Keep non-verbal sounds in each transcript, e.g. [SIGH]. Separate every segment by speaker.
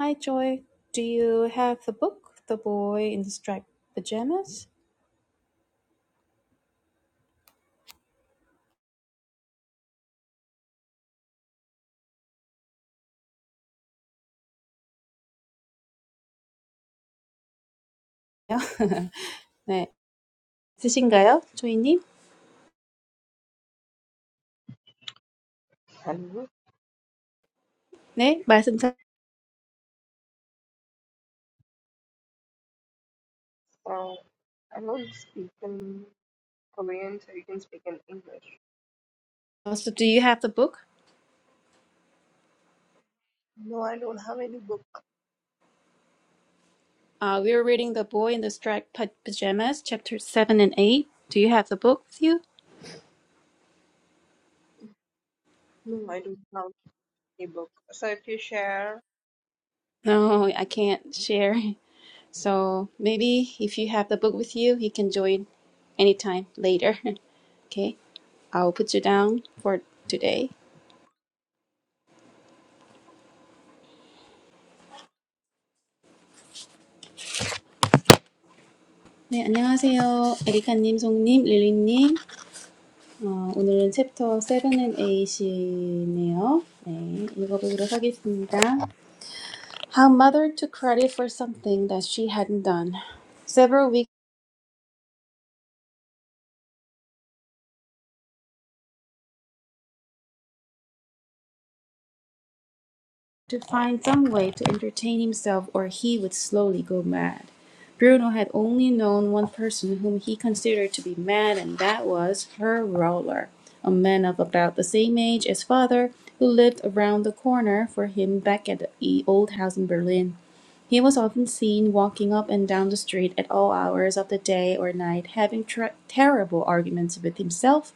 Speaker 1: Hi Joy, do you have the book, The Boy in the Striped Pajamas? Yeah. [LAUGHS] 네, 있으신가요, 조이님?
Speaker 2: Hello.
Speaker 1: 네, 말씀 잘.
Speaker 2: Uh, I don't speak in Korean, so you can speak in English.
Speaker 1: So, do you have the book?
Speaker 2: No, I don't have any book.
Speaker 1: Uh, we are reading The Boy in the Striped Pa- Pajamas, chapter seven and eight. Do you have the book with you?
Speaker 2: No, I don't have any book. So if you share
Speaker 1: No, I can't share. [LAUGHS] So maybe if you have the book with you, you can join anytime later. [LAUGHS] Okay, I'll put you down for today. 네, 안녕하세요. 에리카님, 송님, 릴리님. 어, 오늘은 챕터 7 and 8이네요. 네, 읽어보도록 하겠습니다. How mother took credit for something that she hadn't done. Several weeks to find some way to entertain himself or he would slowly go mad. Bruno had only known one person whom he considered to be mad and that was her roller, a man of about the same age as father who lived around the corner for him back at the old house in Berlin. He was often seen walking up and down the street at all hours of the day or night, having tr terrible arguments with himself.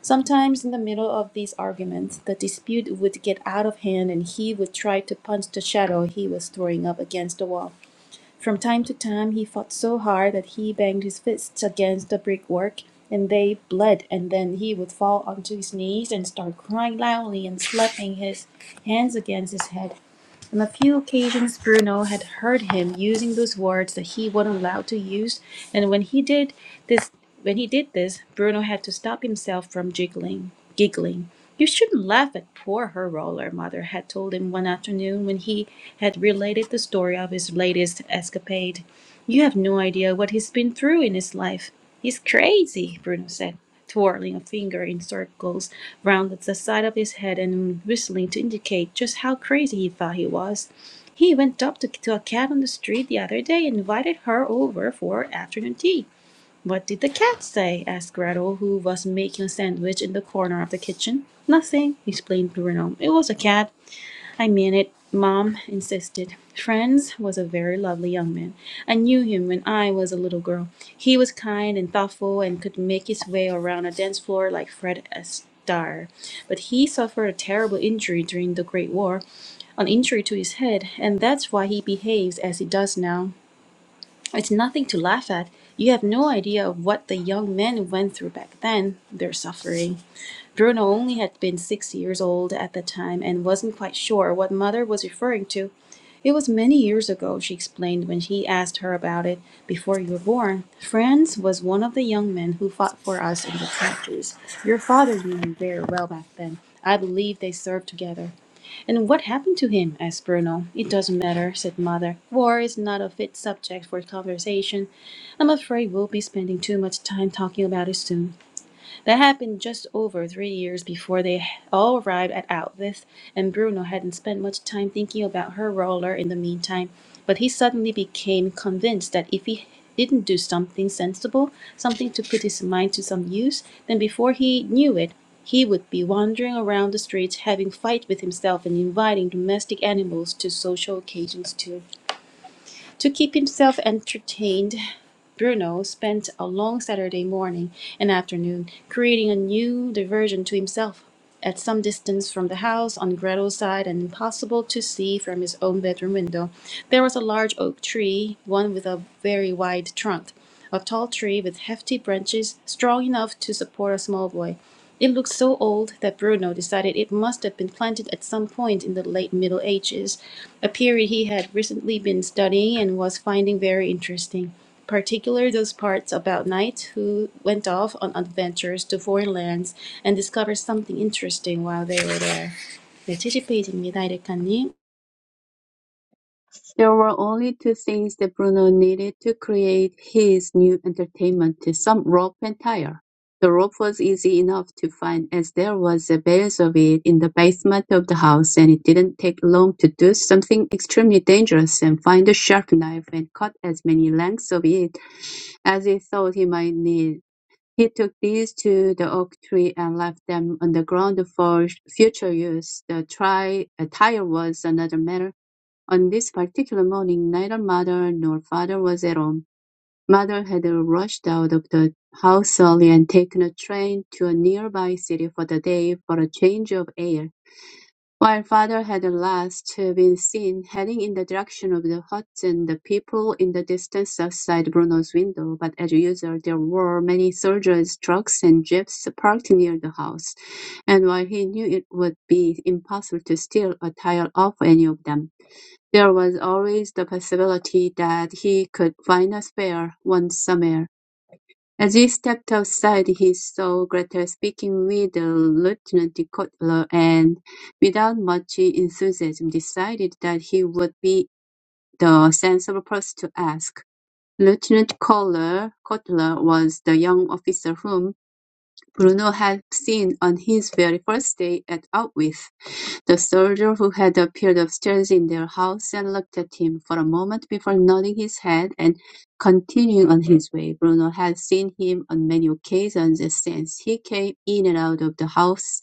Speaker 1: Sometimes, in the middle of these arguments, the dispute would get out of hand and he would try to punch the shadow he was throwing up against the wall. From time to time, he fought so hard that he banged his fists against the brickwork and they bled, and then he would fall onto his knees and start crying loudly and slapping his hands against his head. On a few occasions, Bruno had heard him using those words that he wasn't allowed to use, and when he did this, when he did this, Bruno had to stop himself from giggling. Giggling. You shouldn't laugh at poor her roller, mother had told him one afternoon when he had related the story of his latest escapade. You have no idea what he's been through in his life. He's crazy, Bruno said, twirling a finger in circles round the side of his head and whistling to indicate just how crazy he thought he was. He went up to, to a cat on the street the other day and invited her over for afternoon tea. What did the cat say? asked Gretel, who was making a sandwich in the corner of the kitchen. Nothing, explained Bruno. It was a cat. I mean it, Mom insisted. Franz was a very lovely young man. I knew him when I was a little girl. He was kind and thoughtful and could make his way around a dance floor like Fred Astaire. But he suffered a terrible injury during the Great War, an injury to his head, and that's why he behaves as he does now. It's nothing to laugh at. You have no idea of what the young men went through back then, their suffering. Bruno only had been six years old at the time and wasn't quite sure what mother was referring to. It was many years ago, she explained when he asked her about it before you were born. Franz was one of the young men who fought for us in the trenches. Your father knew him very well back then. I believe they served together. And what happened to him? asked Bruno. It doesn't matter, said Mother. War is not a fit subject for conversation. I'm afraid we'll be spending too much time talking about it soon. That happened just over three years before they all arrived at Alvis, and Bruno hadn't spent much time thinking about her roller in the meantime, but he suddenly became convinced that if he didn't do something sensible, something to put his mind to some use, then before he knew it, he would be wandering around the streets having fight with himself and inviting domestic animals to social occasions too. To keep himself entertained, Bruno spent a long Saturday morning and afternoon creating a new diversion to himself. At some distance from the house, on Gretel's side and impossible to see from his own bedroom window, there was a large oak tree, one with a very wide trunk a tall tree with hefty branches strong enough to support a small boy. It looked so old that Bruno decided it must have been planted at some point in the late Middle Ages, a period he had recently been studying and was finding very interesting, particularly those parts about knights who went off on adventures to foreign lands and discovered something interesting while they were there. 네, 70페이지입니다, 에리카님.
Speaker 3: There were only two things that Bruno needed to create his new entertainment: some rope and tire. The rope was easy enough to find, as there was a bales of it in the basement of the house, and it didn't take long to do something extremely dangerous and find a sharp knife and cut as many lengths of it as he thought he might need. He took these to the oak tree and left them on the ground for future use. The tri- uh, tire was another matter on this particular morning neither mother nor father was at home. Mother had rushed out of the house early and taken a train to a nearby city for the day for a change of air, while father had last been seen heading in the direction of the huts and the people in the distance outside Bruno's window. But as usual, there were many soldiers, trucks, and jeeps parked near the house, and while he knew it would be impossible to steal a tire off any of them, there was always the possibility that he could find a spare one somewhere. As he stepped outside, he saw Gretel speaking with Lieutenant Kotler and, without much enthusiasm, decided that he would be the sensible person to ask. Lieutenant Kotler, Kotler was the young officer whom Bruno had seen on his very first day at Outwith. The soldier who had appeared upstairs in their house and looked at him for a moment before nodding his head and continuing on his way. Bruno had seen him on many occasions since he came in and out of the house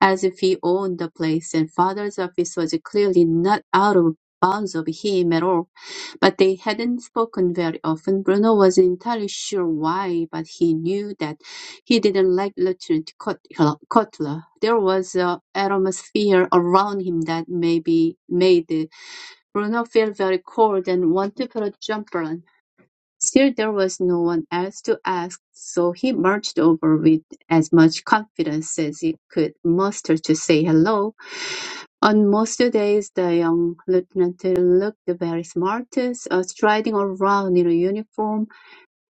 Speaker 3: as if he owned the place, and father's office was clearly not out of bounds of him at all. But they hadn't spoken very often. Bruno wasn't entirely sure why, but he knew that he didn't like Lieutenant Cutler. There was an atmosphere around him that maybe made Bruno feel very cold and wanted to put a jump on. Still, there was no one else to ask, so he marched over with as much confidence as he could muster to say hello. On most days, the young lieutenant looked very smart, uh, striding around in a uniform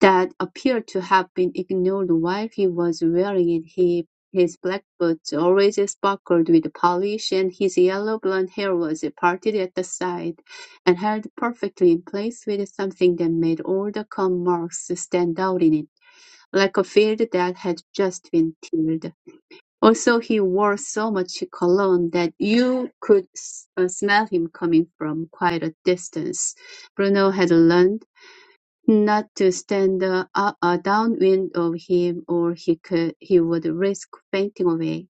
Speaker 3: that appeared to have been ignored while he was wearing it. He, his black boots always sparkled with polish, and his yellow blond hair was parted at the side and held perfectly in place with something that made all the comb marks stand out in it, like a field that had just been tilled. Also, he wore so much cologne that you could s- uh, smell him coming from quite a distance. Bruno had learned not to stand uh, uh, downwind of him, or he could he would risk fainting away.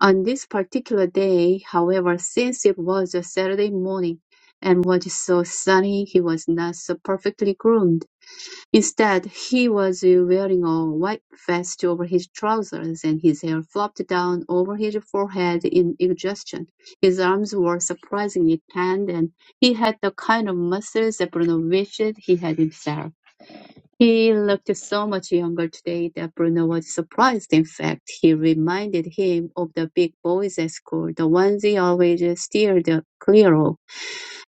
Speaker 3: On this particular day, however, since it was a Saturday morning and was so sunny, he was not so perfectly groomed. Instead, he was wearing a white vest over his trousers, and his hair flopped down over his forehead in exhaustion. His arms were surprisingly tanned, and he had the kind of muscles that Bruno wished he had himself. He looked so much younger today that Bruno was surprised. In fact, he reminded him of the big boys at school, the ones he always steered clear of.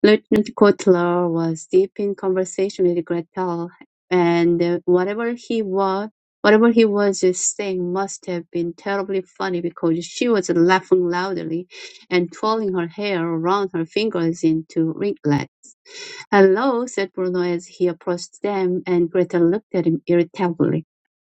Speaker 3: Lieutenant Kotler was deep in conversation with Gretel, and whatever he was, whatever he was saying must have been terribly funny because she was laughing loudly and twirling her hair around her fingers into ringlets. Hello, said Bruno as he approached them, and Gretel looked at him irritably.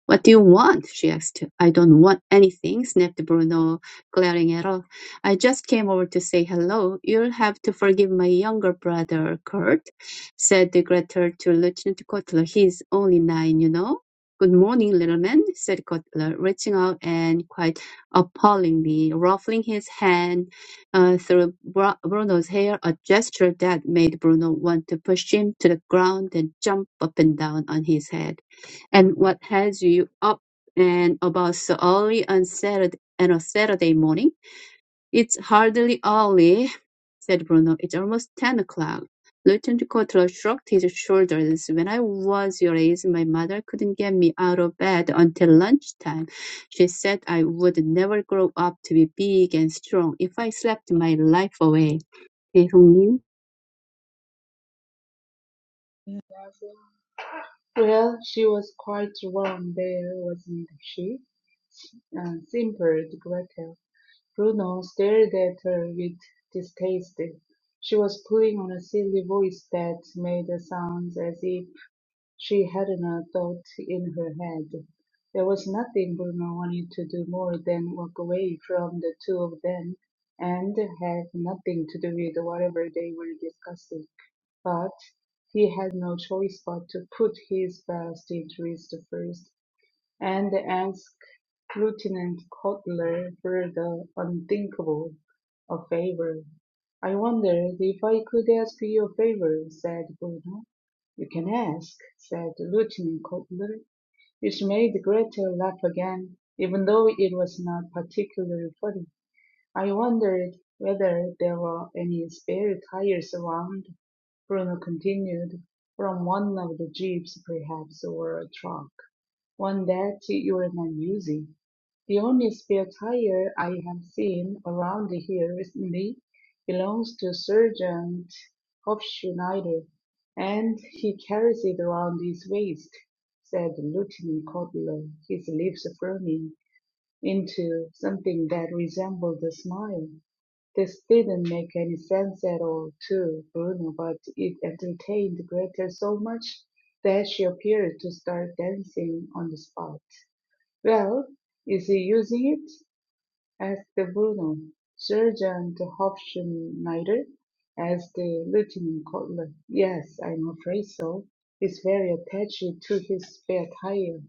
Speaker 3: What do you want? she asked. I don't want anything, snapped Bruno, glaring at her. I just came over to say hello. You'll have to forgive my younger brother, Kurt, said Gretel to Lieutenant Kotler. He's only nine, you know. Good morning, little man, said Kotler, reaching out and quite appallingly ruffling his hand uh, through Bru- Bruno's hair, a gesture that made Bruno want to push him to the ground and jump up and down on his head and what has you up and about so early on Saturday and on Saturday morning? It's hardly early, said Bruno. It's almost ten o'clock. Lieutenant Cotler shrugged his shoulders. When I was your age, my mother couldn't get me out of bed until lunchtime. She said I would never grow up to be big and strong if I slept my life away.
Speaker 4: Well, she was quite wrong there, wasn't she? S- uh, simpered Gretel. Bruno stared at her with distaste. She was putting on a silly voice that made sounds as if she hadn't a thought in her head. There was nothing Bruno wanted to do more than walk away from the two of them and have nothing to do with whatever they were discussing. But he had no choice but to put his best interests first, and ask Lieutenant Cutler for the unthinkable, a favor. "I wondered if I could ask you a favor," said Bruno. "You can ask," said Lieutenant Cutler, which made Gretel laugh again, even though it was not particularly funny. I wondered whether there were any spare tires around, Bruno continued, from one of the jeeps perhaps, or a truck, one that you're not using. The only spare tire I have seen around here recently belongs to Sergeant Hofschneider, and he carries it around his waist, said Lieutenant Codlow, his lips firming into something that resembled a smile. This didn't make any sense at all to Bruno, but it entertained Greta so much that she appeared to start dancing on the spot. Well, is he using it? asked Bruno, Sergeant Hofschneider, as the lieutenant colonel. Yes, I'm afraid so. He's very attached to his spare tire.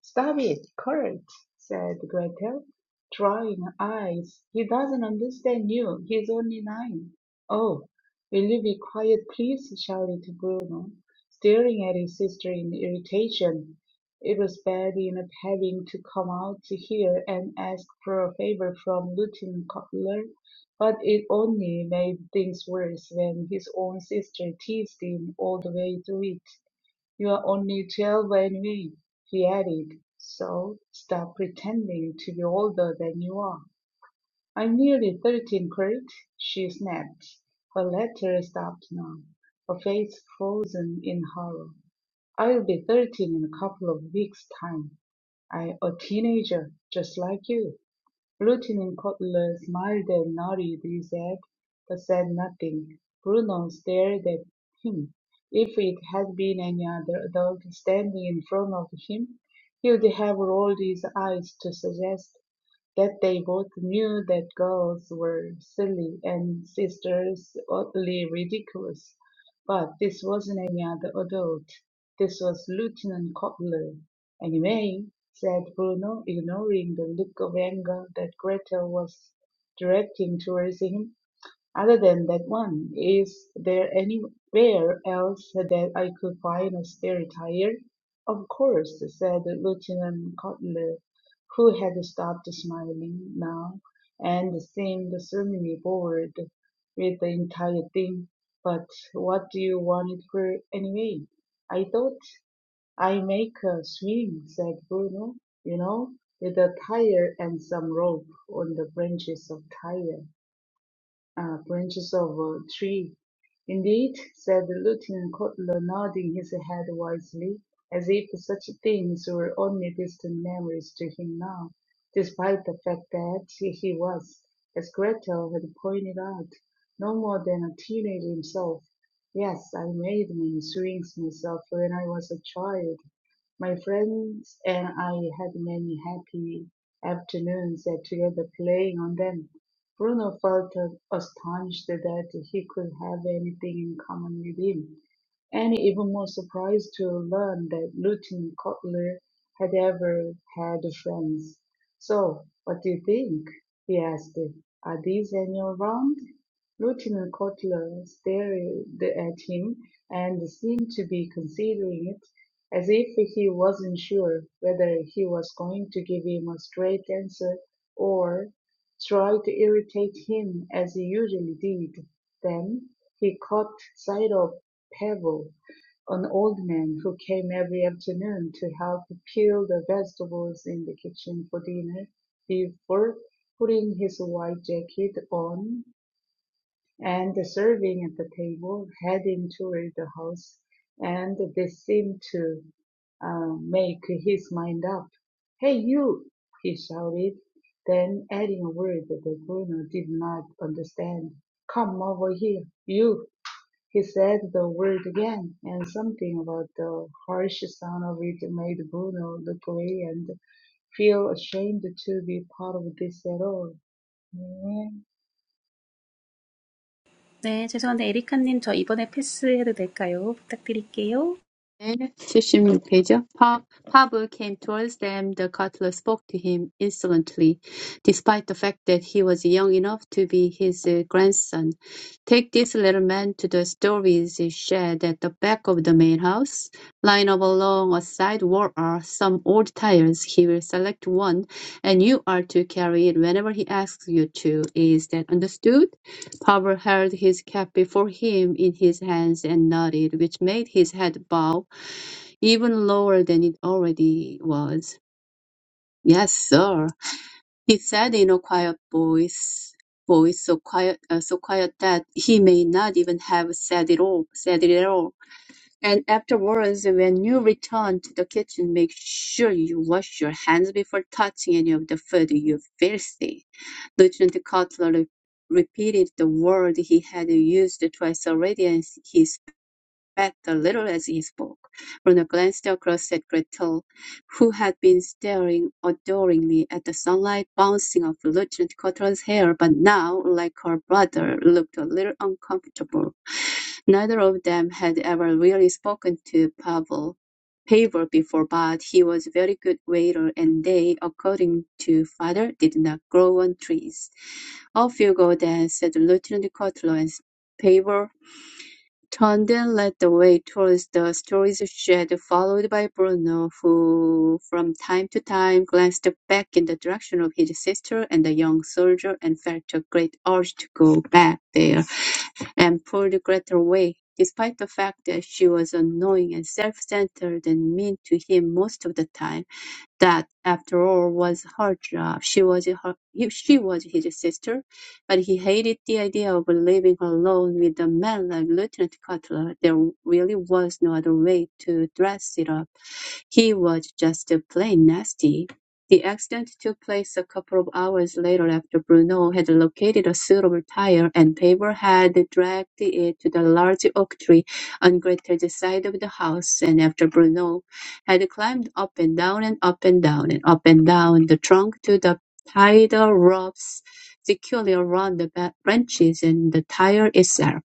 Speaker 4: "Stop it, Kurt," said Gretel, drying her eyes, "he doesn't understand you, he's only nine." "Oh, will you be quiet, please?" shouted Bruno, staring at his sister in irritation. It was bad enough having to come out here and ask for a favor from Lieutenant Cutler, but it only made things worse when his own sister teased him all the way through it. You are only Jailway Nui, he added, so stop pretending to be older than you are. I'm nearly thirteen, Kurt, she snapped. Her letter stopped now, her face frozen in horror. I'll be thirteen in a couple of weeks' time. I'm a teenager, just like you. Lieutenant Cutler smiled and nodded his head, but said nothing. Bruno stared at him. If it had been any other adult standing in front of him, he'd have rolled his eyes to suggest that they both knew that girls were silly and sisters oddly ridiculous. But this wasn't any other adult. This was Lieutenant Cobbler. Anyway, said Bruno, ignoring the look of anger that Gretel was directing towards him, other than that one, is there anywhere else that I could find a spare tire? Of course, said Lieutenant Cutler, who had stopped smiling now and seemed suddenly bored with the entire thing. But what do you want it for anyway? I thought I make a swing, said Bruno, you know, with a tire and some rope on the branches of tire uh, branches of a tree. Indeed, said the lieutenant Kotler, nodding his head wisely, as if such things were only distant memories to him now, despite the fact that he was, as Gretel had pointed out, no more than a teenager himself. Yes, I made many swings myself when I was a child, my friends and I had many happy afternoons at together playing on them. Bruno felt uh, astonished that he could have anything in common with him, and even more surprised to learn that Lutin Kotler had ever had friends. So, what do you think? he asked. Are these any around? Lieutenant Kotler stared at him and seemed to be considering it as if he wasn't sure whether he was going to give him a straight answer or try to irritate him as he usually did. Then he caught sight of Pavel, an old man who came every afternoon to help peel the vegetables in the kitchen for dinner before putting his white jacket on and serving at the table, heading toward the house, and they seemed to uh, make his mind up. Hey, you! he shouted, then adding a word that Bruno did not understand. Come over here, you! He said the word again, and something about the harsh sound of it made Bruno look away and feel ashamed to be part of this at all. Mm-hmm.
Speaker 1: 네, 죄송한데 에리카님 저 이번에 패스해도 될까요? 부탁드릴게요.
Speaker 3: 네, 76페이지요. Pa- Pavel came towards them. The cutler spoke to him insolently, despite the fact that he was young enough to be his uh, grandson. Take this little man to the storage shed at the back of the main house. Line up along a side wall are some old tires. He will select one, and you are to carry it whenever he asks you to. Is that understood? Pavel held his cap before him in his hands and nodded, which made his head bow even lower than it already was. "Yes, sir," he said in a quiet voice, voice so quiet, uh, so quiet that he may not even have said it all, said it at all. And afterwards, when you return to the kitchen, make sure you wash your hands before touching any of the food, you filthy. Lieutenant Cutler re- repeated the word he had used twice already, and he spat a little as he spoke. Bruno glanced across at Gretel, who had been staring adoringly at the sunlight bouncing off Lieutenant Cutler's hair, but now, like her brother, looked a little uncomfortable. Neither of them had ever really spoken to Pavel Pavel before but he was a very good waiter and they, according to father, did not grow on trees. Off you go then, said Lieutenant Cutler, and Pavel turned and led the way towards the storage shed, followed by Bruno, who from time to time glanced back in the direction of his sister and the young soldier and felt a great urge to go back there and pulled Greta away, despite the fact that she was annoying and self-centered and mean to him most of the time that after all was her job. She was her, he- she was his sister, but he hated the idea of leaving her alone with a man like Lieutenant Cutler. There really was no other way to dress it up. He was just plain nasty. The accident took place a couple of hours later after Bruno had located a suitable tire and Paver had dragged it to the large oak tree on Gretel's side of the house and after Bruno had climbed up and down and up and down and up and down the trunk to the tie the ropes securely around the branches and the tire itself.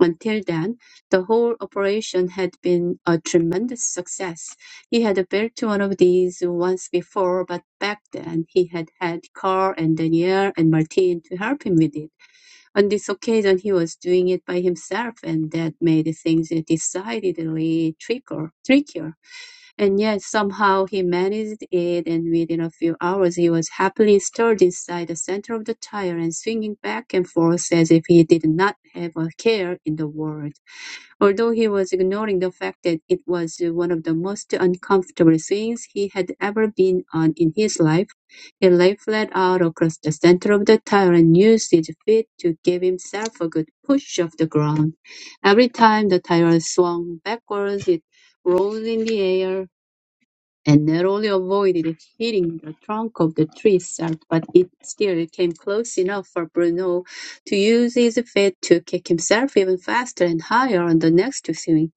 Speaker 3: Until then, the whole operation had been a tremendous success. He had built one of these once before, but back then he had had Carl and Daniel and Martin to help him with it. On this occasion, he was doing it by himself, and that made things decidedly trickier. trickier and yet somehow he managed it, and within a few hours he was happily stirred inside the center of the tire and swinging back and forth as if he did not have a care in the world, although he was ignoring the fact that it was one of the most uncomfortable swings he had ever been on in his life. He lay flat out across the center of the tire and used his feet to give himself a good push off the ground. Every time the tire swung backwards, it rolled in the air and not only avoided hitting the trunk of the tree itself, but it still came close enough for Bruno to use his feet to kick himself even faster and higher on the next swing.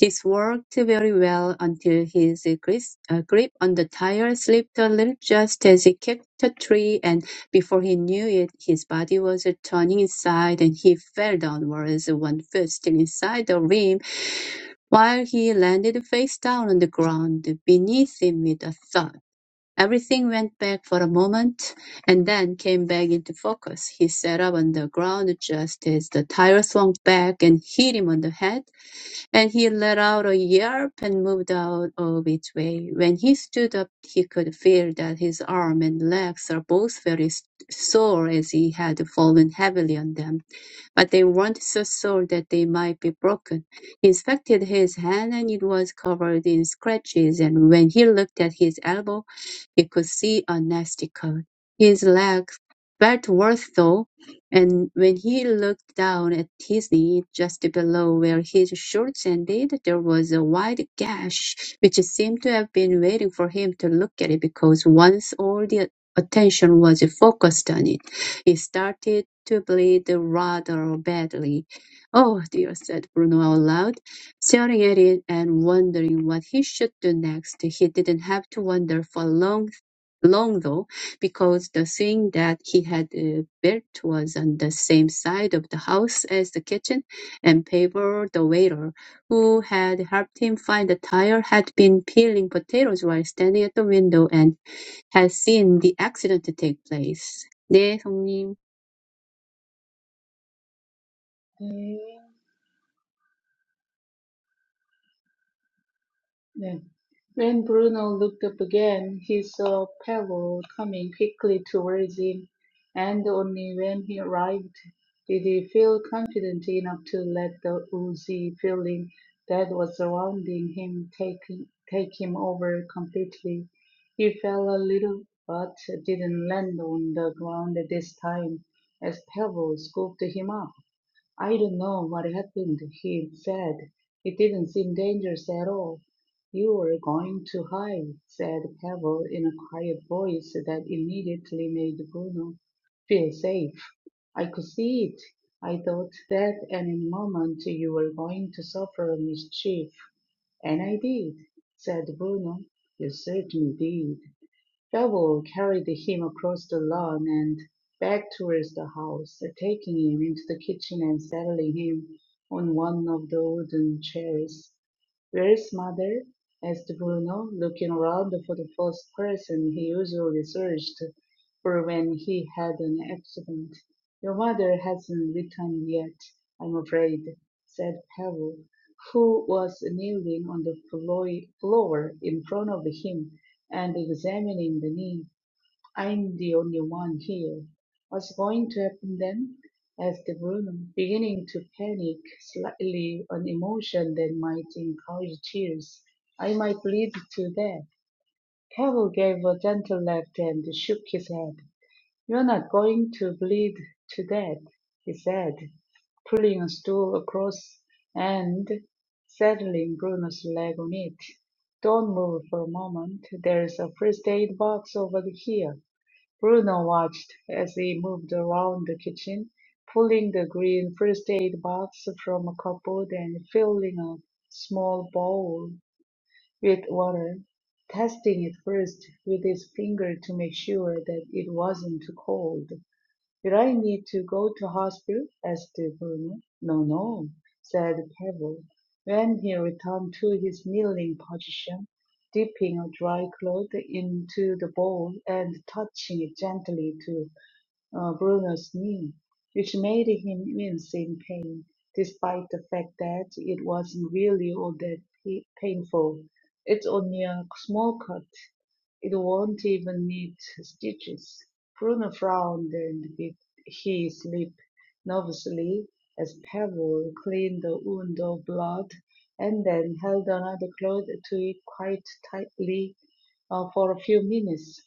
Speaker 3: This worked very well until his gris- uh, grip on the tire slipped a little just as he kicked a tree, and before he knew it, his body was turning inside and he fell downwards, one foot still inside the rim, while he landed face down on the ground beneath him with a thud. Everything went back for a moment and then came back into focus. He sat up on the ground just as the tire swung back and hit him on the head and he let out a yelp and moved out of its way. When he stood up, he could feel that his arm and legs are both very s- sore as he had fallen heavily on them but they weren't so sure that they might be broken. He inspected his hand and it was covered in scratches, and when he looked at his elbow, he could see a nasty cut. His leg felt worse though, and when he looked down at his knee, just below where his shorts ended, there was a wide gash which seemed to have been waiting for him to look at it because once all the attention was focused on it. He started to bleed rather badly. "Oh dear," said Bruno aloud, staring at it and wondering what he should do next. He didn't have to wonder for long long though, because the thing that he had uh, built was on the same side of the house as the kitchen, and Pavel, the waiter, who had helped him find the tire, had been peeling potatoes while standing at the window and had seen the accident take place. 네, 성님.
Speaker 4: Then, when Bruno looked up again, he saw Pablo coming quickly towards him, and only when he arrived did he feel confident enough to let the woozy feeling that was surrounding him take, take him over completely. He fell a little, but didn't land on the ground this time, as Pablo scooped him up. I don't know what happened, he said. It didn't seem dangerous at all. You were going too high, said Pavel in a quiet voice that immediately made Bruno feel safe. I could see it. I thought that any moment you were going to suffer mischief, and I did, said Bruno. You certainly did. Shovel carried him across the lawn and back towards the house, taking him into the kitchen and settling him on one of the wooden chairs. Where's mother? asked Bruno, looking round for the first person he usually searched for when he had an accident. Your mother hasn't returned yet, I'm afraid, said Pavel, who was kneeling on the floor in front of him and examining the knee. I'm the only one here. What's going to happen then? asked Bruno, beginning to panic slightly, an emotion that might encourage tears. I might bleed to death. Pavel gave a gentle laugh and shook his head. You're not going to bleed to death, he said, pulling a stool across and settling Bruno's leg on it. Don't move for a moment. There's a first aid box over here. Bruno watched as he moved around the kitchen, pulling the green first aid box from a cupboard and filling a small bowl with water, testing it first with his finger to make sure that it wasn't too cold. Did I need to go to hospital? asked Bruno. No, no, said Pavel, when he returned to his kneeling position, dipping a dry cloth into the bowl and touching it gently to uh, Bruno's knee, which made him wince in pain, despite the fact that it wasn't really all that pa- painful. It's only a small cut, it won't even need stitches. Bruno frowned and he, he slipped nervously as Pavel cleaned the wound of blood and then held another cloth to it quite tightly uh, for a few minutes.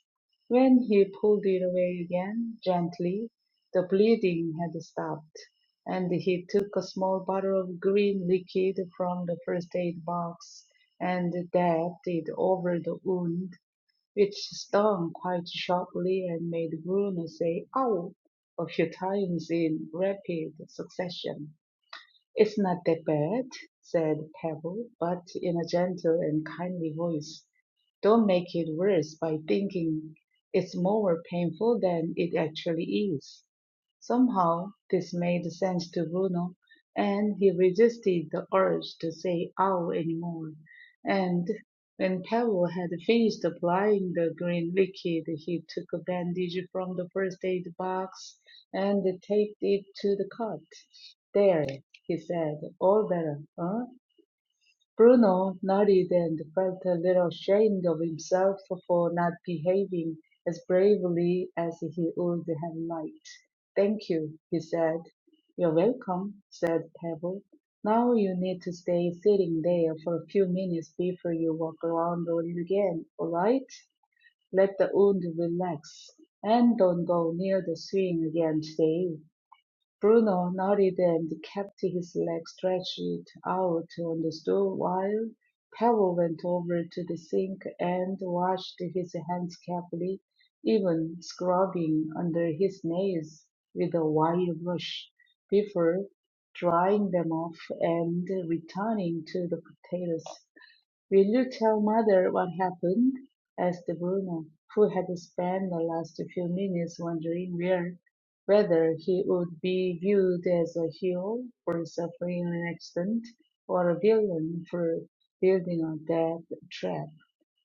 Speaker 4: When he pulled it away again, gently, the bleeding had stopped, and he took a small bottle of green liquid from the first aid box and dabbed it over the wound it stung quite sharply and made Bruno say ow a few times in rapid succession. It's not that bad, said Pebble, but in a gentle and kindly voice. Don't make it worse by thinking it's more painful than it actually is. Somehow this made sense to Bruno, and he resisted the urge to say ow anymore. And when Pavel had finished applying the green liquid, he took a bandage from the first aid box and taped it to the cut. There, he said, all better, huh? Bruno nodded and felt a little ashamed of himself for not behaving as bravely as he would have liked. Thank you, he said. You're welcome, said Pebble. Now you need to stay sitting there for a few minutes before you walk around on it again, all right? Let the wound relax and don't go near the swing again today. Bruno nodded and kept his leg stretched out on the stool while Pavel went over to the sink and washed his hands carefully, even scrubbing under his nails with a wire brush before drying them off and returning to the potatoes. Will you tell mother what happened? asked Bruno, who had spent the last few minutes wondering where, whether he would be viewed as a hero for suffering an accident or a villain for building a death trap.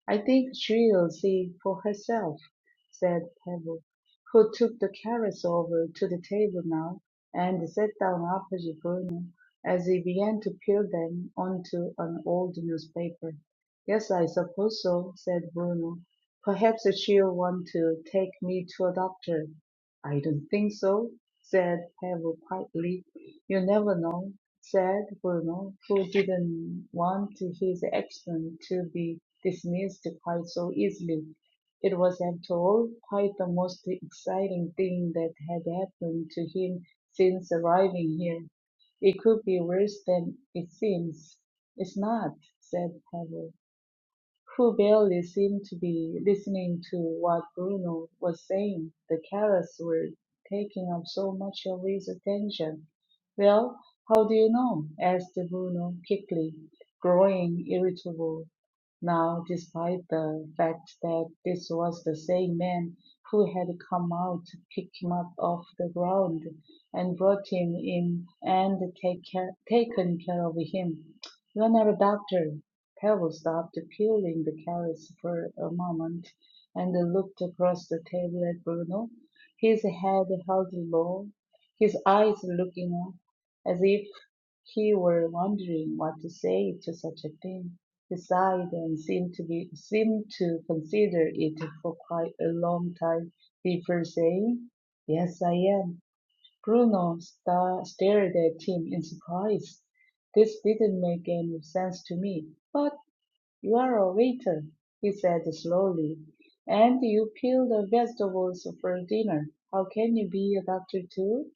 Speaker 4: "I think she'll see for herself," said Pebble, who took the carrots over to the table now and sat down opposite Bruno as he began to peel them onto an old newspaper. "Yes, I suppose so," said Bruno. "Perhaps she'll want to take me to a doctor." "I don't think so," said Pebble quietly. "You never know said Bruno, who didn't want his action to be dismissed quite so easily. It was, after all, quite the most exciting thing that had happened to him since arriving here. It could be worse than it seems. It's not, said Pavel who barely seemed to be listening to what Bruno was saying. The carrots were taking up so much of his attention. Well, how do you know? asked Bruno quickly, growing irritable now, despite the fact that this was the same man who had come out to pick him up off the ground and brought him in and take care, taken care of him. You're not a doctor, Pavel stopped peeling the carrots for a moment and looked across the table at Bruno, his head held low, his eyes looking up as if he were wondering what to say to such a thing. He sighed and seemed to be seemed to consider it for quite a long time before saying, "Yes, I am." Bruno sta- stared at him in surprise. This didn't make any sense to me. but. You are a waiter, he said slowly, and you peel the vegetables for dinner. How can you be a doctor too?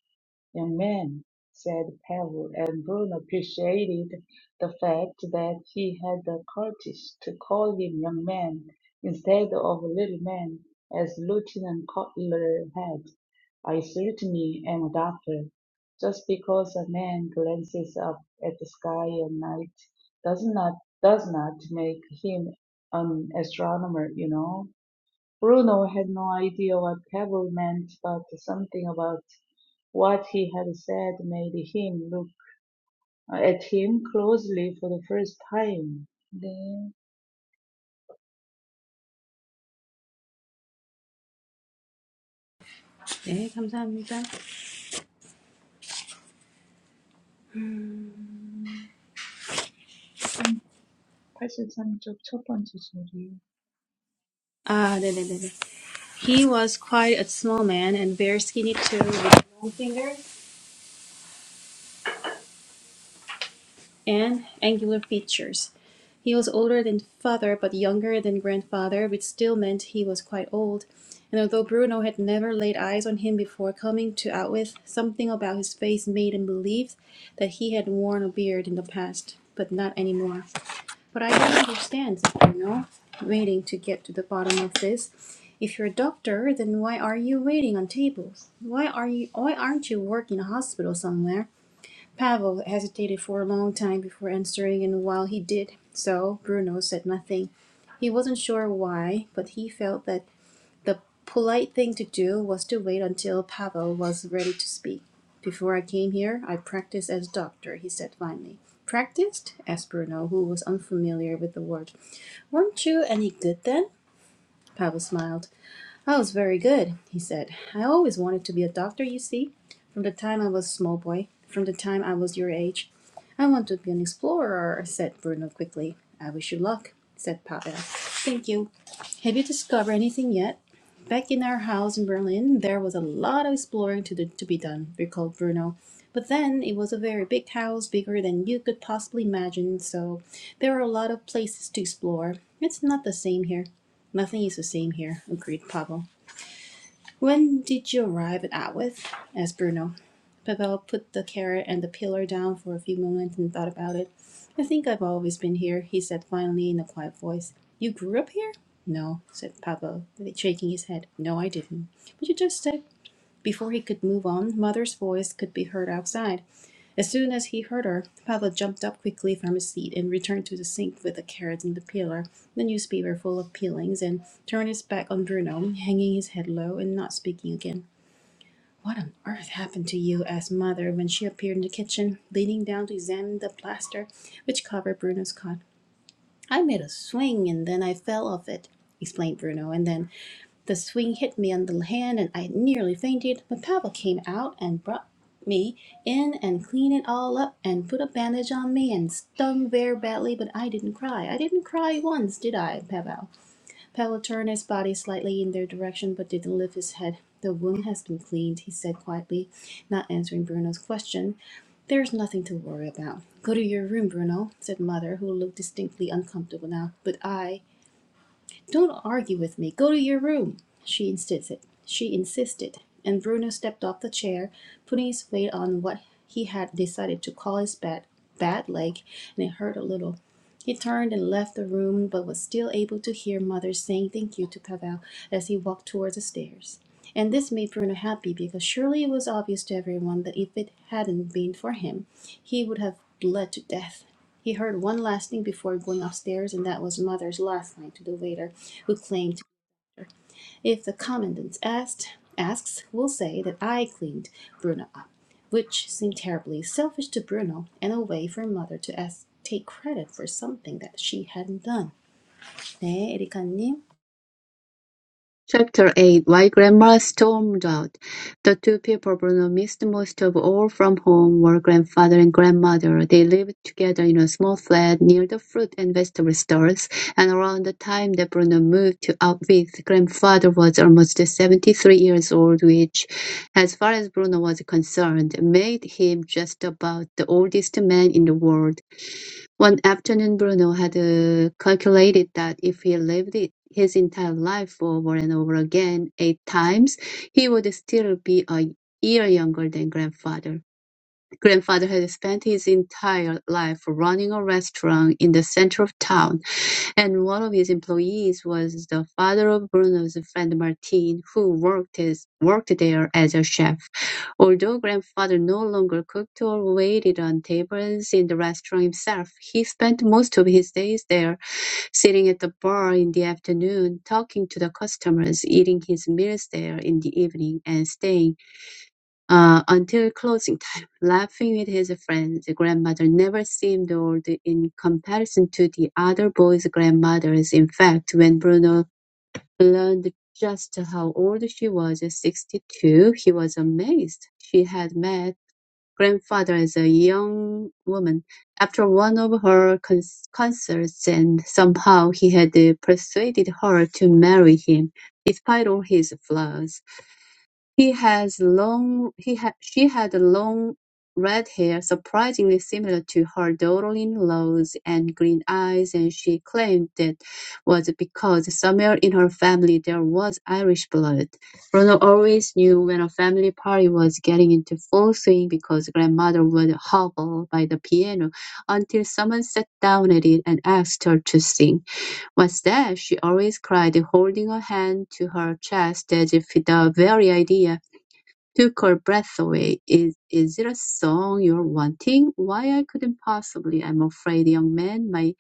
Speaker 4: Amen, said Pavel, and Bruno appreciated the fact that he had the courage to call him young man instead of little man, as Lieutenant Cutler had. I certainly am a doctor. Just because a man glances up at the sky at night does not does not make him an astronomer, you know. Bruno had no idea what "pebble" meant, but something about what he had said made him look at him closely for the first time. 네,
Speaker 1: 네, 감사합니다.
Speaker 4: 13, 83쪽 첫 번째 소리.
Speaker 1: Ah, 아, 네네네네. He was quite a small man and very skinny too, with a long finger and angular features. He was older than father but younger than grandfather, which still meant he was quite old. And although Bruno had never laid eyes on him before coming to Outwith, something about his face made him believe that he had worn a beard in the past, but not anymore. But I don't understand, you know, waiting to get to the bottom of this. If you're a doctor, then why are you waiting on tables? Why are you why aren't you working in a hospital somewhere? Pavel hesitated for a long time before answering, and while he did so, Bruno said nothing. He wasn't sure why, but he felt that the polite thing to do was to wait until Pavel was ready to speak. Before I came here, I practiced as doctor, he said finally. Practiced? asked Bruno, who was unfamiliar with the word. Weren't you any good then? Pavel smiled. I was very good, he said. I always wanted to be a doctor, you see, from the time I was a small boy, from the time I was your age. I want to be an explorer, said Bruno quickly. I wish you luck, said Pavel. Thank you. Have you discovered anything yet? Back in our house in Berlin, there was a lot of exploring to, do, to be done, recalled Bruno. But then it was a very big house, bigger than you could possibly imagine, so there were a lot of places to explore. It's not the same here. Nothing is the same here, agreed Pavel. When did you arrive at Atwith? asked Bruno. Pavel put the carrot and the pillar down for a few moments and thought about it. I think I've always been here, he said finally in a quiet voice. You grew up here? No, said Pavel, shaking his head. No, I didn't. But you just said. Before he could move on, Mother's voice could be heard outside. As soon as he heard her, Pablo jumped up quickly from his seat and returned to the sink with the carrot and the peeler, the newspaper full of peelings, and turned his back on Bruno, hanging his head low and not speaking again. What on earth happened to you? asked Mother when she appeared in the kitchen, leaning down to examine the plaster which covered Bruno's cot. I made a swing and then I fell off it, explained Bruno, and then the swing hit me on the hand and I nearly fainted, but Pavel came out and brought me in and cleaned it all up and put a bandage on me and stung very badly, but I didn't cry. I didn't cry once, did I, Pavel? Pavel turned his body slightly in their direction but didn't lift his head. The wound has been cleaned, he said quietly, not answering Bruno's question. There's nothing to worry about. Go to your room, Bruno, said mother, who looked distinctly uncomfortable now. But I don't argue with me. Go to your room, she insisted. She insisted, and Bruno stepped off the chair, putting his weight on what he had decided to call his bad, bad leg, and it hurt a little. He turned and left the room, but was still able to hear Mother saying thank you to Pavel as he walked towards the stairs. And this made Bruno happy because surely it was obvious to everyone that if it hadn't been for him, he would have bled to death. He heard one last thing before going upstairs, and that was mother's last line to the waiter, who claimed, "If the commandant asked, asks, we'll say that I cleaned Bruno up," which seemed terribly selfish to Bruno and a way for mother to ask, take credit for something that she hadn't done. 네, 에리카님.
Speaker 3: Chapter 8 Why Grandma Stormed Out The two people Bruno missed most of all from home were grandfather and grandmother. They lived together in a small flat near the fruit and vegetable stores, and around the time that Bruno moved to Outwith, grandfather was almost 73 years old, which, as far as Bruno was concerned, made him just about the oldest man in the world. One afternoon Bruno had uh, calculated that if he lived it- his entire life over and over again eight times, he would still be a year younger than grandfather. Grandfather had spent his entire life running a restaurant in the center of town and one of his employees was the father of Bruno's friend Martin, who worked as, worked there as a chef. Although grandfather no longer cooked or waited on tables in the restaurant himself, he spent most of his days there, sitting at the bar in the afternoon, talking to the customers, eating his meals there in the evening, and staying uh, until closing time, [LAUGHS] laughing with his friends. Grandmother never seemed old in comparison to the other boys' grandmothers. In fact, when Bruno learned just how old she was, 62, he was amazed. She had met grandfather as a young woman after one of her con- concerts and somehow he had persuaded her to marry him despite all his flaws. He has long he had she had long red hair, surprisingly similar to her darling in and green eyes, and she claimed that was because somewhere in her family there was Irish blood. Ronald always knew when a family party was getting into full swing because grandmother would hobble by the piano until someone sat down at it and asked her to sing. What's that? she always cried, holding her hand to her chest as if the very idea took her breath away. Is is it a song you're wanting? Why I couldn't possibly. I'm afraid, young man, my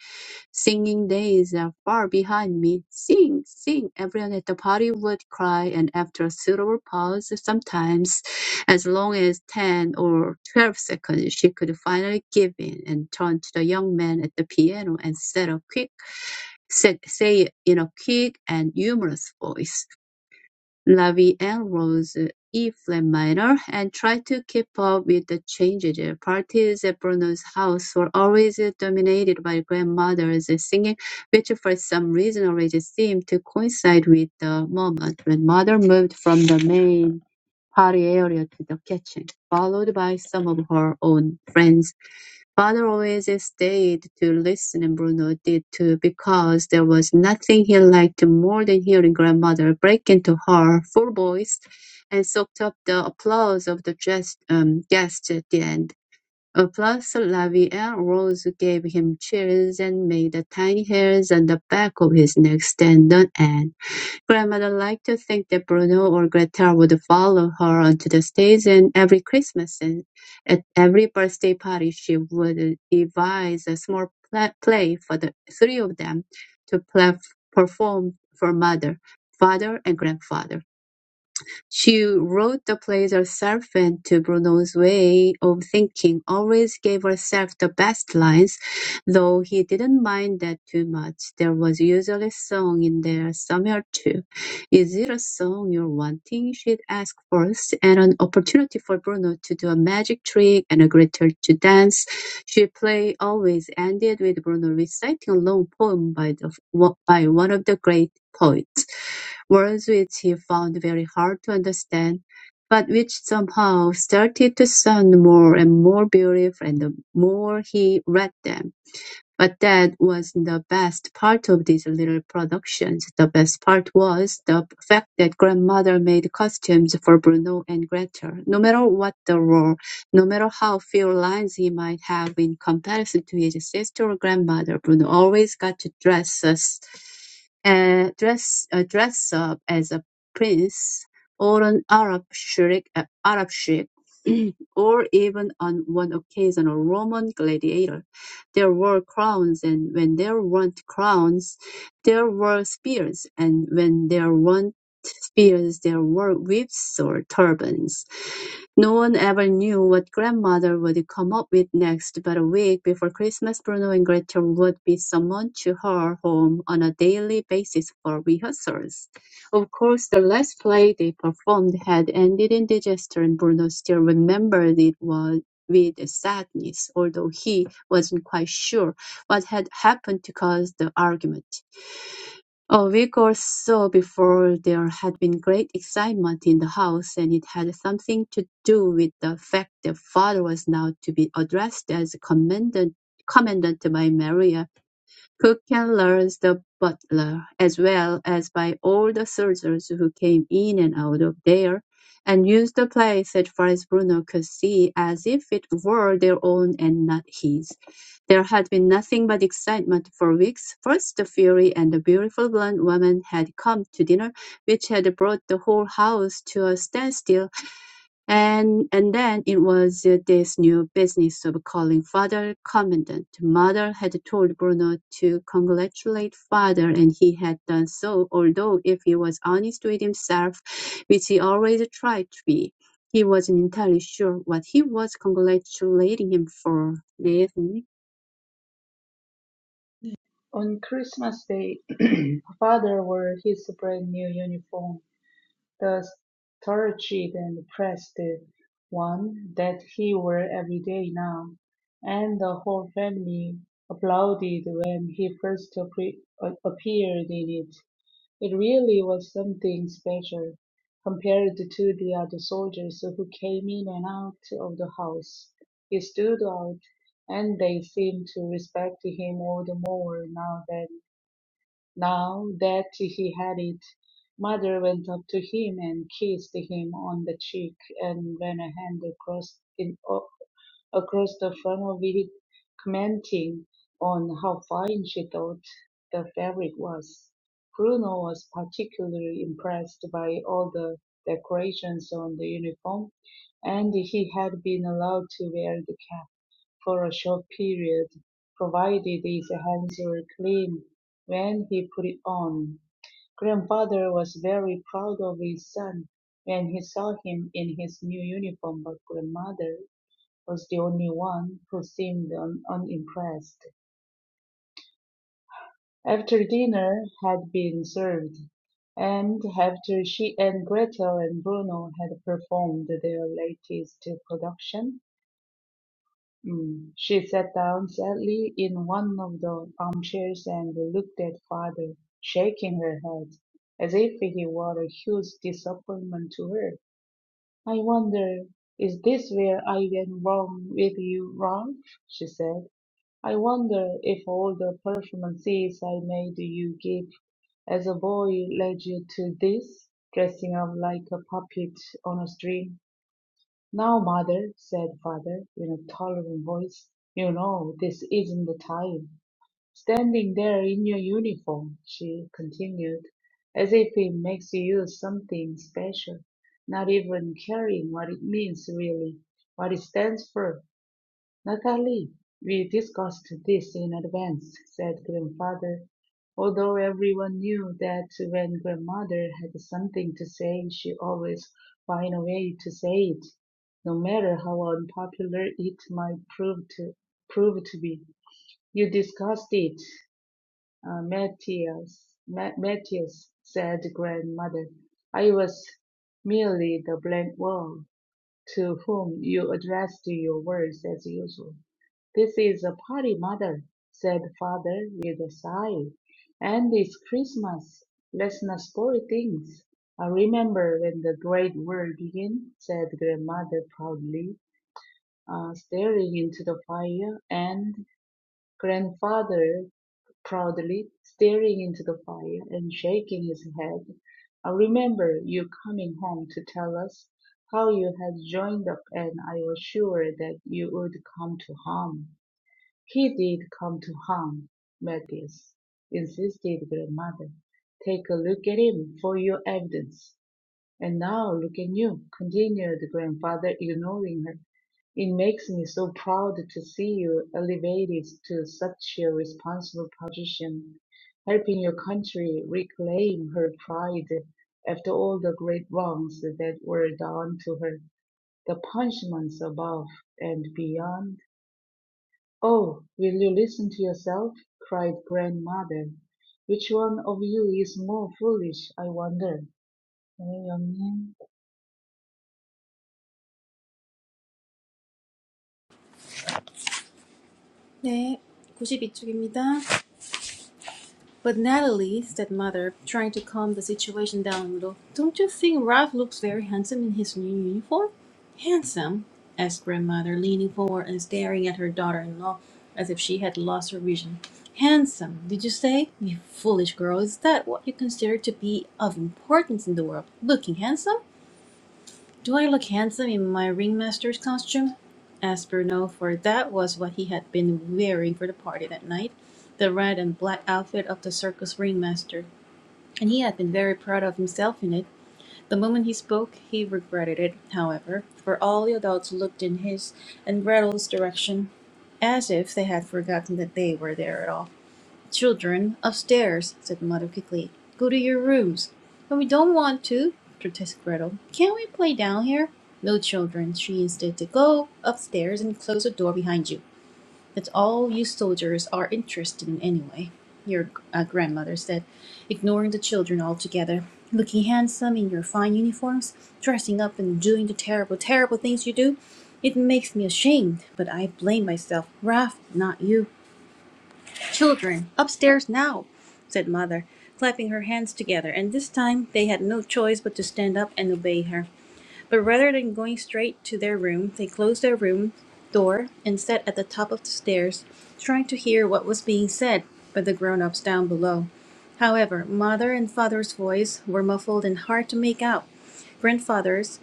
Speaker 3: singing days are far behind me. Sing, sing. Everyone at the party would cry, and after a suitable pause, sometimes as long as ten or twelve seconds, she could finally give in and turn to the young man at the piano and set a quick said, say it in a quick and humorous voice. Ravi Rose, E-flat minor and tries to keep up with the changes. Parties at Bruno's house were always dominated by grandmother's singing, which for some reason always seemed to coincide with the moment when mother moved from the main party area to the kitchen, followed by some of her own friends. Father always stayed to listen, and Bruno did too, because there was nothing he liked more than hearing grandmother break into her full voice and soaked up the applause of the jest, um, guests at the end. Uh, Plus, Lavier Rose gave him chills and made the tiny hairs on the back of his neck stand on end. Grandmother liked to think that Bruno or Gretel would follow her onto the stage, and every Christmas and at every birthday party she would devise a small pla- play for the three of them to pla- perform for mother, father, and grandfather. She wrote the plays herself and to Bruno's way of thinking always gave herself the best lines, though he didn't mind that too much. There was usually a song in there somewhere too. Is it a song you're wanting? She'd ask first, and an opportunity for Bruno to do a magic trick and a Gretel to dance. She play always ended with Bruno reciting a long poem by the by one of the great poets words which he found very hard to understand, but which somehow started to sound more and more beautiful the more he read them. But that wasn't the best part of these little productions. The best part was the fact that grandmother made costumes for Bruno and Gretel, no matter what the role, no matter how few lines he might have in comparison to his sister or grandmother, Bruno always got to dress us, uh, dress, uh, dress up as a prince or an Arab sheikh, uh, Arab sheikh, [CLEARS THROAT] or even on one occasion a Roman gladiator there were crowns, and when there weren't crowns, there were spears, and when there weren't spears, there were whips or turbans. No one ever knew what grandmother would come up with next, but a week before Christmas, Bruno and Gretel would be summoned to her home on a daily basis for rehearsals. Of course, the last play they performed had ended in disaster, and Bruno still remembered it was with sadness, although he wasn't quite sure what had happened to cause the argument. A week or so before, there had been great excitement in the house, and it had something to do with the fact that father was now to be addressed as commandant, commandant by Maria Kukan learns the butler, as well as by all the soldiers who came in and out of there, and used the place as far as Bruno could see as if it were their own and not his. There had been nothing but excitement for weeks. First the Fury and the beautiful blonde woman had come to dinner, which had brought the whole house to a standstill, and and then it was uh, this new business of calling father commandant. Mother had told Bruno to congratulate father, and he had done so, although if he was honest with himself, which he always tried to be, he wasn't entirely sure what he was congratulating him for. 네, 선생님.
Speaker 4: On Christmas Day, [CLEARS THROAT] father wore his brand new uniform. The Starched and Pressed one that he wore everyday now, and the whole family applauded when he first appeared in it. It really was something special compared to the other soldiers who came in and out of the house. He stood out, and they seemed to respect him all the more now that now that he had it, Mother went up to him and kissed him on the cheek, and ran a hand across in, o- across the front of it, commenting on how fine she thought the fabric was. Bruno was particularly impressed by all the decorations on the uniform, and he had been allowed to wear the cap for a short period, provided his hands were clean when he put it on. Grandfather was very proud of his son when he saw him in his new uniform, but grandmother was the only one who seemed un- unimpressed. After dinner had been served, and after she and Gretel and Bruno had performed their latest production, Mm. She sat down sadly in one of the armchairs and looked at father, shaking her head, as if he were a huge disappointment to her. I wonder, is this where I went wrong with you, Ralph? she said. I wonder if all the performances I made you give as a boy led you to this, dressing up like a puppet on a string. "Now, mother," said father, in a tolerant voice, "you know this isn't the time. Standing there in your uniform," she continued, "as if it makes you something special, not even caring what it means really, what it stands for. "Natalie, we discussed this in advance," said grandfather, although everyone knew that when grandmother had something to say she always found a way to say it, no matter how unpopular it might prove to, prove to be. "You discussed it, uh, Matthias, Ma- Matthias," said grandmother. "I was merely the blank wall to whom you addressed your words as usual. This is a party, mother, said father with a sigh. And it's Christmas. Let's not spoil things. I remember when the great war began, said grandmother proudly, uh, staring into the fire. and. Grandfather proudly, staring into the fire and shaking his head. I remember you coming home to tell us how you had joined up and I was sure that you would come to harm. He did come to harm, Matthias, insisted grandmother. Take a look at him for your evidence. And now look at you, continued the grandfather, ignoring her. It makes me so proud to see you elevated to such a responsible position, helping your country reclaim her pride after all the great wrongs that were done to her, the punishments above and beyond. Oh, will you listen to yourself? cried grandmother. Which one of you is more foolish, I wonder? 네, 영님.
Speaker 1: 네, 구십이 쪽입니다. But Natalie, said Mother, trying to calm the situation down a little, don't you think Ralph looks very handsome in his new uniform? Handsome? asked Grandmother, leaning forward and staring at her daughter in law as if she had lost her vision. Handsome, did you say? You foolish girl, is that what you consider to be of importance in the world? Looking handsome? Do I look handsome in my ringmaster's costume? asked Bruno, for that was what he had been wearing for the party that night the red and black outfit of the circus ringmaster. And he had been very proud of himself in it. The moment he spoke, he regretted it, however, for all the adults looked in his and Gretel's direction as if they had forgotten that they were there at all. "Children, upstairs," said the mother quickly. "Go to your rooms." "But we don't want to," protested Gretel. "Can't we play down here?" "No, children," she insisted, "go upstairs and close the door behind you. That's all you soldiers are interested in anyway," your uh, grandmother said, ignoring the children altogether. "Looking handsome in your fine uniforms, dressing up and doing the terrible, terrible things you do. It makes me ashamed, but I blame myself, Ralph, not you. Children, upstairs now, said Mother, clapping her hands together, and this time they had no choice but to stand up and obey her. But rather than going straight to their room, they closed their room door and sat at the top of the stairs, trying to hear what was being said by the grown ups down below. However, Mother and Father's voice were muffled and hard to make out. Grandfather's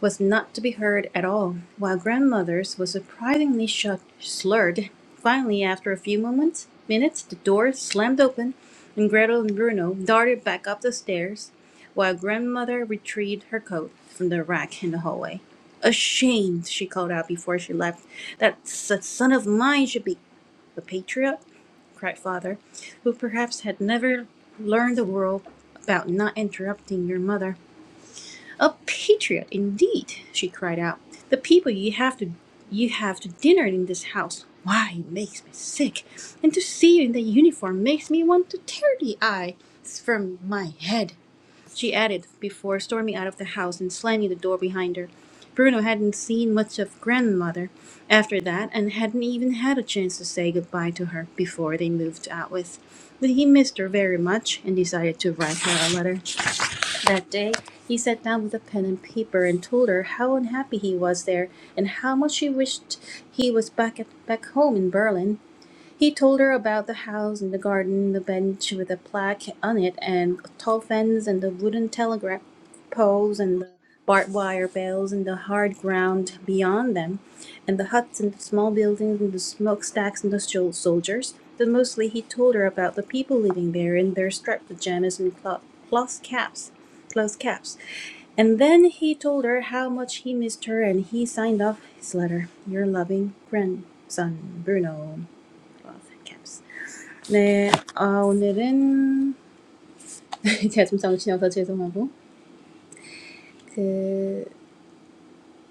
Speaker 1: was not to be heard at all, while grandmother's was surprisingly shut, slurred. Finally, after a few moments, minutes, the door slammed open, and Gretel and Bruno darted back up the stairs, while grandmother retrieved her coat from the rack in the hallway. Ashamed, she called out before she left, that that son of mine should be a patriot? cried father, who perhaps had never learned the rule about not interrupting your mother. "A patriot indeed!" she cried out. "The people you have to, you have to dinner in this house! Why, it makes me sick, and to see you in that uniform makes me want to tear the eyes from my head," she added, before storming out of the house and slamming the door behind her. Bruno hadn't seen much of grandmother after that, and hadn't even had a chance to say goodbye to her before they moved out with. But he missed her very much, and decided to write her a letter. That day, he sat down with a pen and paper and told her how unhappy he was there and how much he wished he was back at, back home in Berlin. He told her about the house and the garden, the bench with a plaque on it, and a tall fence, and the wooden telegraph poles, and the barbed wire bales, and the hard ground beyond them and the huts and the small buildings and the smokestacks and the soldiers, but mostly he told her about the people living there in their striped pajamas and cloth, cloth caps, cloth caps. And then he told her how much he missed her, and he signed off his letter. Your loving grandson, Bruno. Cloth caps. 네, 아, 오늘은 [LAUGHS] 제가 좀 정신이 없어 죄송하고 그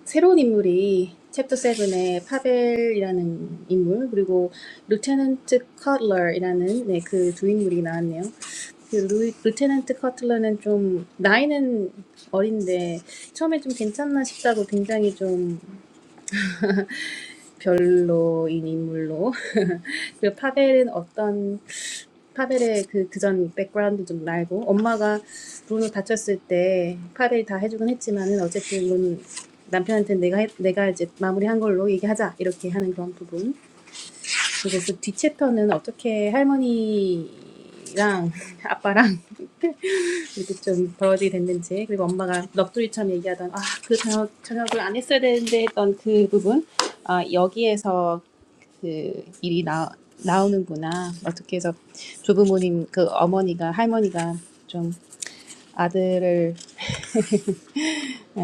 Speaker 1: 새로운 인물이 챕터 7의 파벨이라는 인물 그리고 루테넌트 커틀러이라는 네, 그 두 인물이 나왔네요. 그 루, 루테넌트 커틀러는 좀 나이는 어린데 처음에 좀 괜찮나 싶다고 굉장히 좀 [LAUGHS] 별로인 인물로 [LAUGHS] 그리고 파벨은 어떤 파벨의 그 그전 백그라운드 좀 말고 엄마가 브루노 다쳤을 때 파벨이 다 해주긴 했지만은 어쨌든 이건 남편한테 내가 해- 내가 이제 마무리한 걸로 얘기하자 이렇게 하는 그런 부분 그리고 그뒤 챕터는 어떻게 할머니랑 [LAUGHS] 아빠랑 이제 좀 더워지게 됐는지 그리고 엄마가 넋두리처럼 얘기하던 아 그 저녁 저녁을 안 했어야 되는데 했던 그 부분 아 여기에서 그 일이 나 나오는구나 어떻게 해서 조부모님 그 어머니가 할머니가 좀 아들을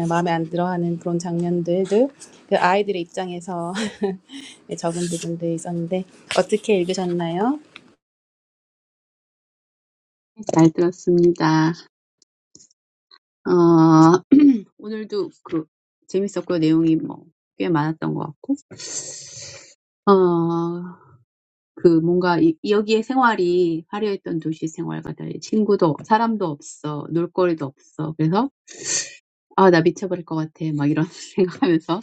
Speaker 1: 마음에 안 들어하는 그런 장면들도 그 아이들의 입장에서 [LAUGHS] 네, 적은 부분도 있었는데 어떻게 읽으셨나요?
Speaker 3: 잘 들었습니다. 어, [CLEARS THROAT] 오늘도 그 재밌었고요. 내용이 뭐꽤 많았던 것 같고. 어, 그 뭔가 이, 여기의 생활이 화려했던 도시 생활과 달리 친구도 사람도 없어 놀거리도 없어 그래서 아 나 미쳐버릴 것 같아 막 이런 [LAUGHS] 생각하면서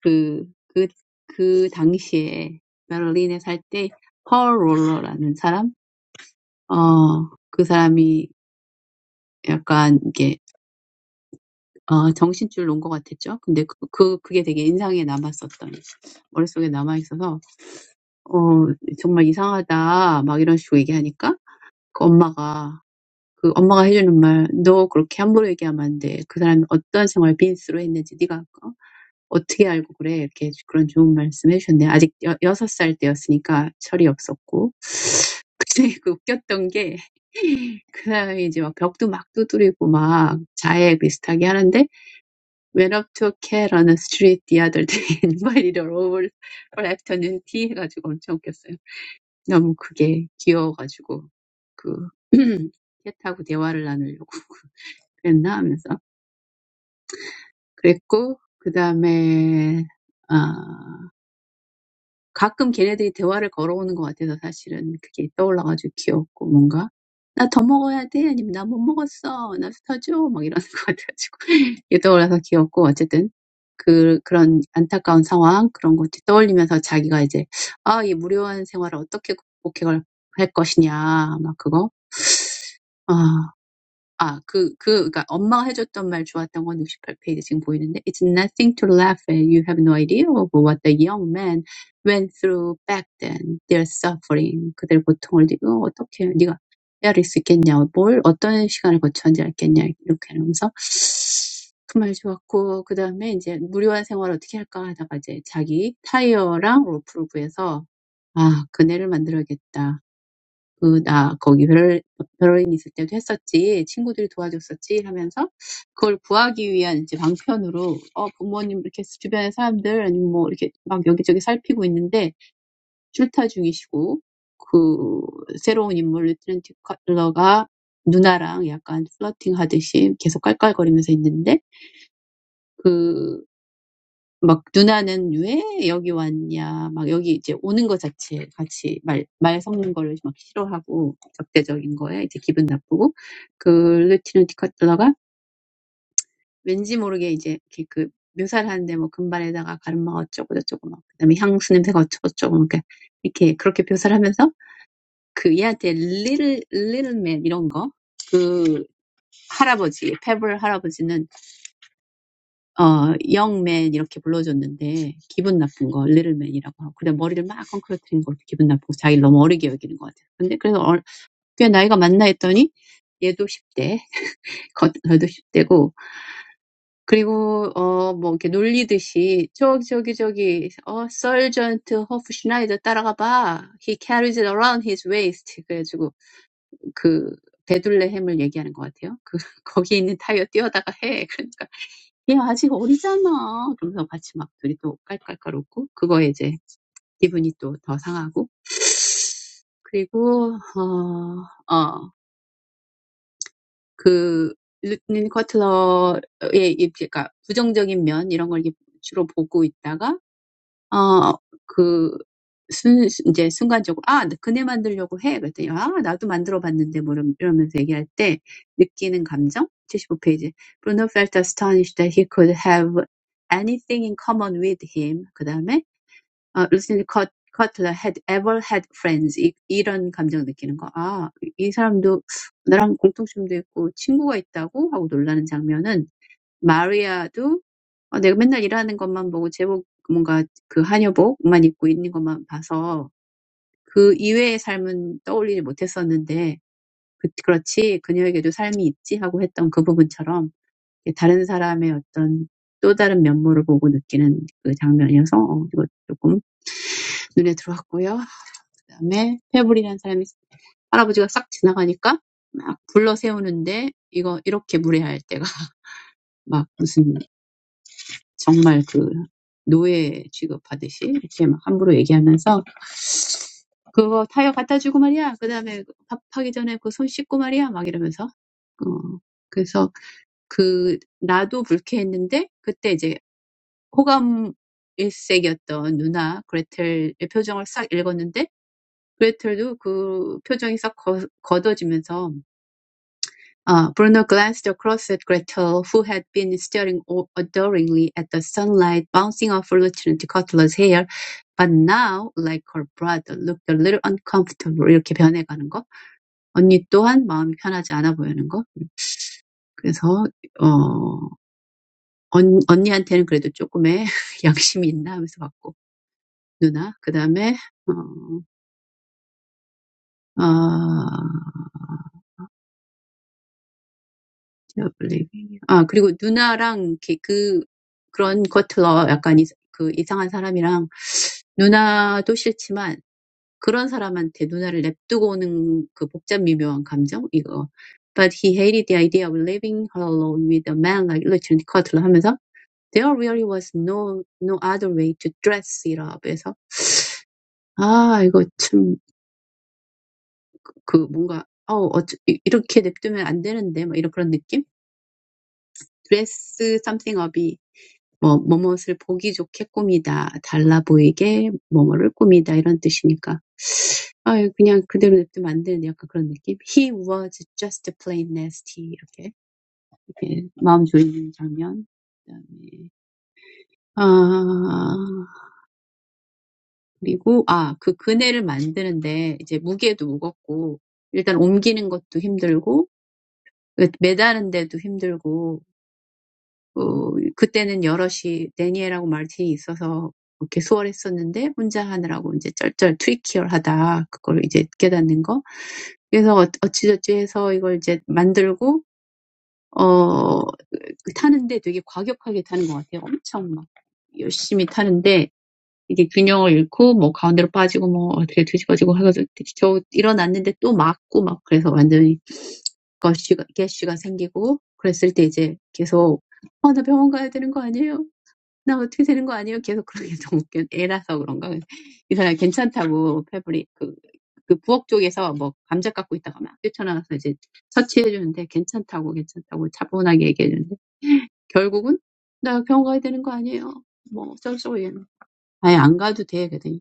Speaker 3: 그 그, 그 당시에 베를린에 살때펄 롤러라는 사람 어그 사람이 약간 이게 어 정신줄 놓은 것 같았죠 근데 그, 그 그게 되게 인상에 남았었던 머릿속에 남아 있어서 어 정말 이상하다 막 이런 식으로 얘기하니까 그 엄마가 That mom's words, you can't talk so casually. What kind of life did that person live? How do you know? That's such a good thing [LAUGHS] to say. I was six years old, so I didn't understand. What was funny was that he was breaking through the wall and doing things like a child. When I saw "When I Took Care of the Street Daddies by the other day and invited her Over for Afternoon Tea," I was so amused. It was so cute. He and I were talking and laughing. [LAUGHS] 그랬고 그다음에 아 가끔 걔네들이 대화를 걸어오는 것 같아서 사실은 그게 떠올라가지고 귀엽고 뭔가 나더 먹어야 돼 아니면 나못 먹었어 나 스터줘 막 이러는 것 같아가지고 [LAUGHS] 이게 떠올라서 귀엽고 어쨌든 그 그런 안타까운 상황 그런 것들 떠올리면서 자기가 이제 아, 이 무료한 생활을 어떻게 극복해 갈- 할 것이냐 막 그거 아 아, 그, 그, 그니까 엄마가 해줬던 말 좋았던 건 68페이지 지금 보이는데, It's nothing to laugh at. You have no idea of what the young man went through back then. Their suffering. 그들의 고통을 네가 어떻게, 네가 헤아릴 수 있겠냐. 뭘, 어떤 시간을 거쳤는지 알겠냐. 이렇게 하면서 그 말 좋았고, 그 다음에 이제 무료한 생활을 어떻게 할까 하다가 이제 자기 타이어랑 로프를 구해서, 아, 그네를 만들어야겠다. 그, 나 거기 별인 별인 있을 때도 했었지. 친구들이 도와줬었지. 하면서 그걸 구하기 위한 이제 방편으로, 어, 부모님 이렇게 주변의 사람들, 아니면 뭐 이렇게 막 여기저기 살피고 있는데 출타 중이시고, 그, 새로운 인물 리트렌티 컬러가 누나랑 약간 플러팅 하듯이 계속 깔깔거리면서 있는데, 막 누나는 왜 여기 왔냐, 막 여기 이제 오는 것 자체 같이 말, 말 섞는 거를 막 싫어하고 적대적인 거에 이제 기분 나쁘고 그 루티는 디카틀러가 왠지 모르게 이제 이렇게 그 묘사를 하는데 뭐 금발에다가 가르마가 어쩌고 저쩌고 막 그다음에 향수 냄새가 어쩌고 저쩌고 막 이렇게 그렇게 묘사를 하면서 그 얘한테 little little man 이런 거 그 할아버지 페블 할아버지는 어, 영맨 이렇게 불러줬는데 기분 나쁜 거 리틀맨이라고 하고 그다음 머리를 막 헝클어뜨린 것도 기분 나쁘고 자기를 너무 어리게 여기는 것 같아요. 근데 그래서 어, 꽤 나이가 많나 했더니 얘도 10대, 겉- 저도 십 대고 그리고 어, 뭐 이렇게 놀리듯이 저기 저기 저기 어 서전트 허프 슈나이더 따라가 He carries it around his waist. 그래가지고 그 베둘레헴을 얘기하는 것 같아요. 그 [LAUGHS] 거기 있는 타이어 뛰어다가 해. 그러니까. 얘 아직 어리잖아. 그러면서 같이 막 둘이 또 깔깔깔 웃고, 그거에 이제 기분이 또 더 상하고, 그리고, 어, 어, 그, 루트는 커틀러의, 이- 그러니까 부정적인 면, 이런 걸 이렇게 주로 보고 있다가, 어, 그, 순, 이제 순간적으로, 아, 그네 만들려고 해. 그랬더니, 아, 나도 만들어 봤는데, 뭐, 이러- 이러면서 얘기할 때, 느끼는 감정? 75페이지. Bruno felt astonished that he could have anything in common with him. 어, 루시드 컷, 커틀러 had ever had friends 이, 이런 감정 느끼는 거. 아, 이 사람도 나랑 공통점도 있고 친구가 있다고 하고 놀라는 장면은 마리아도 어, 내가 맨날 일하는 것만 보고 제복 뭔가 그 한여복만 입고 있는 것만 봐서 그 이외의 삶은 떠올리지 못했었는데 그, 그렇지 그녀에게도 삶이 있지 하고 했던 그 부분처럼 다른 사람의 어떤 또 다른 면모를 보고 느끼는 그 장면이어서 어, 이거 조금 눈에 들어왔고요. 그다음에 페블이라는 사람이 할아버지가 싹 지나가니까 막 불러 세우는데 이거 이렇게 무례할 때가 [LAUGHS] 막 무슨 정말 그 노예 취급하듯이 이렇게 막 함부로 얘기하면서 그거 타이어 갖다 주고 말이야. 그다음에 밥하기 전에 그 손 씻고 말이야. 막 이러면서 어 그래서 그 나도 불쾌했는데 그때 이제 호감 일색이었던 누나 그레텔의 표정을 싹 읽었는데 그레텔도 그 표정이 싹 거, 걷어지면서 Uh, Bruno glanced across at Gretel, who had been staring adoringly at the sunlight bouncing off Lieutenant Cutler's hair, but now, like her brother, looked a little uncomfortable. 이렇게 변해가는 거. 언니 또한 마음이 편하지 않아 보이는 거. 그래서 어, 언, 언니한테는 그래도 조금의 [LAUGHS] 양심이 있나 하면서 봤고 누나. 그 다음에 어, 어, Not believing you. 아, 그리고 누나랑 이렇게 그, 그런 커틀러 약간 이, 그 이상한 사람이랑 누나도 싫지만 그런 사람한테 누나를 냅두고 오는 그 복잡 미묘한 감정? 이거. But he hated the idea of leaving her alone with a man like Lieutenant Cutler 하면서 there really was no, no other way to dress it up 해서 아, 이거 참, 그 뭔가, 어, 어쩌, 이- 이렇게 냅두면 안 되는데, 막 이런 그런 느낌? dress something up이 뭐 "뭐뭇을 보기 좋게 꾸미다. 달라 보이게 뭐뭐를 꾸미다." 이런 뜻이니까 아유 그냥 그대로 냅두면 안 약간 그런 느낌? "He was just plain nasty." 이렇게, 이렇게 마음 졸이는 장면. 그다음에 아 그리고 아 그 그네를 만드는데 이제 무게도 무겁고 일단 옮기는 것도 힘들고 그 매다는 데도 힘들고 어, 그때는 여럿이 데니엘하고 마르틴이 있어서 이렇게 수월했었는데 혼자 하느라고 이제 쩔쩔 트위키얼하다 그걸 이제 깨닫는 거 그래서 어- 어찌저찌 해서 이걸 이제 만들고 어 타는데 되게 과격하게 타는 것 같아요 엄청 막 열심히 타는데 이게 균형을 잃고 뭐 가운데로 빠지고 뭐 어떻게 뒤집어지고 해가지고 겨우 일어났는데 또 맞고 막 그래서 완전히 거쉬가 개쉬가 생기고 그랬을 때 이제 계속 아, 나 병원 가야 되는 거 아니에요? 나 어떻게 되는 거 아니에요? 계속 그런 게 너무 웃겨. 애라서 그런가? 이 사람 괜찮다고 패브릭 그, 그 부엌 쪽에서 뭐 감자 깎고 있다가 막 뛰쳐나가서 이제 처치해 주는데 괜찮다고 괜찮다고 차분하게 얘기해 주는데 결국은 나 병원 가야 되는 거 아니에요? 뭐 어쩌고저쩌고 얘는 아예 안 가도 돼 그랬더니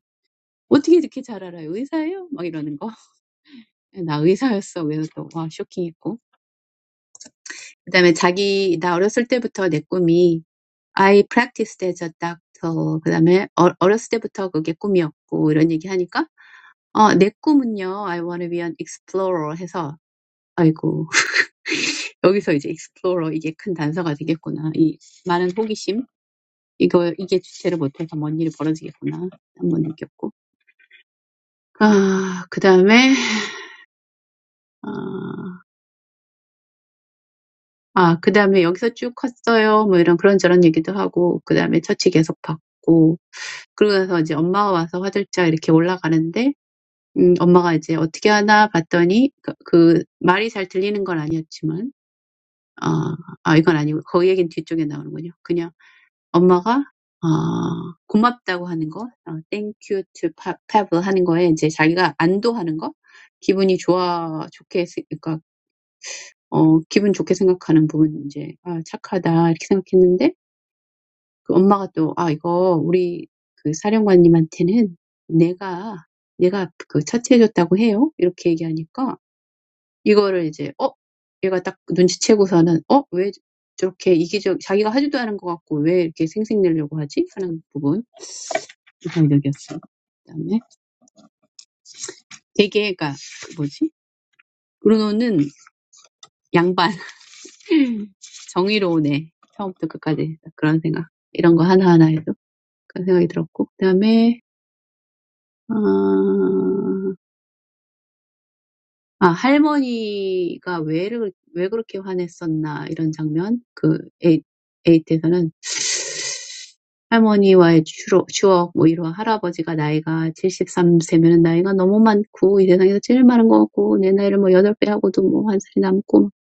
Speaker 3: 어떻게 이렇게 잘 알아요? 의사예요? 막 이러는 거. [LAUGHS] 나 의사였어. 그래서 또와 쇼킹했고. 그다음에 자기 나 어렸을 때부터 내 꿈이 I practiced as a doctor. 그다음에 어, 어렸을 때부터 그게 꿈이었고 이런 얘기하니까 어, 내 꿈은요. I want to be an explorer 해서 아이고 [LAUGHS] 여기서 이제 explorer 이게 큰 단서가 되겠구나. 이 많은 호기심 이거 이게 주체를 못해서 뭔 일이 벌어지겠구나 한번 느꼈고 아 그다음에 아, 아 그다음에 여기서 쭉 컸어요. 뭐 이런 그런저런 얘기도 하고 그다음에 처치 계속 받고 그러고서 이제 엄마가 와서 화들짝 이렇게 올라가는데 음, 엄마가 이제 어떻게 하나 봤더니 그, 그 말이 잘 들리는 건 아니었지만 아, 아 이건 아니고 그 얘기는 뒤쪽에 나오는군요. 그냥 엄마가 아, 고맙다고 하는 거, 아, thank you to Pa- Pavel 하는 거에 이제 자기가 안도하는 거, 기분이 좋아 좋게 쓰- 그러니까 어 기분 좋게 생각하는 부분 이제 아 착하다 이렇게 생각했는데 그 엄마가 또 아 이거 우리 그 사령관님한테는 내가 내가 그 처치해줬다고 해요 이렇게 얘기하니까 이거를 이제 어? 얘가 딱 눈치채고서는 어? 왜 저렇게 이기적 자기가 하지도 않은 것 같고 왜 이렇게 생색내려고 하지? 하는 부분 인상적이었어요. 그다음에 되게 그니까 뭐지? 브루노는 양반 [LAUGHS] 정의로우네 처음부터 끝까지 그런 생각 이런 거 하나하나 해도 그런 생각이 들었고 그다음에 어, 아 할머니가 왜를 왜 그렇게 화냈었나 이런 장면 그 에이트에서는 할머니와의 추러 추억 뭐 이런 할아버지가 나이가 73 세면은 나이가 너무 많고 이 세상에서 제일 많은 것 같고 내 나이를 뭐 8배 하고도 뭐 한 살이 남고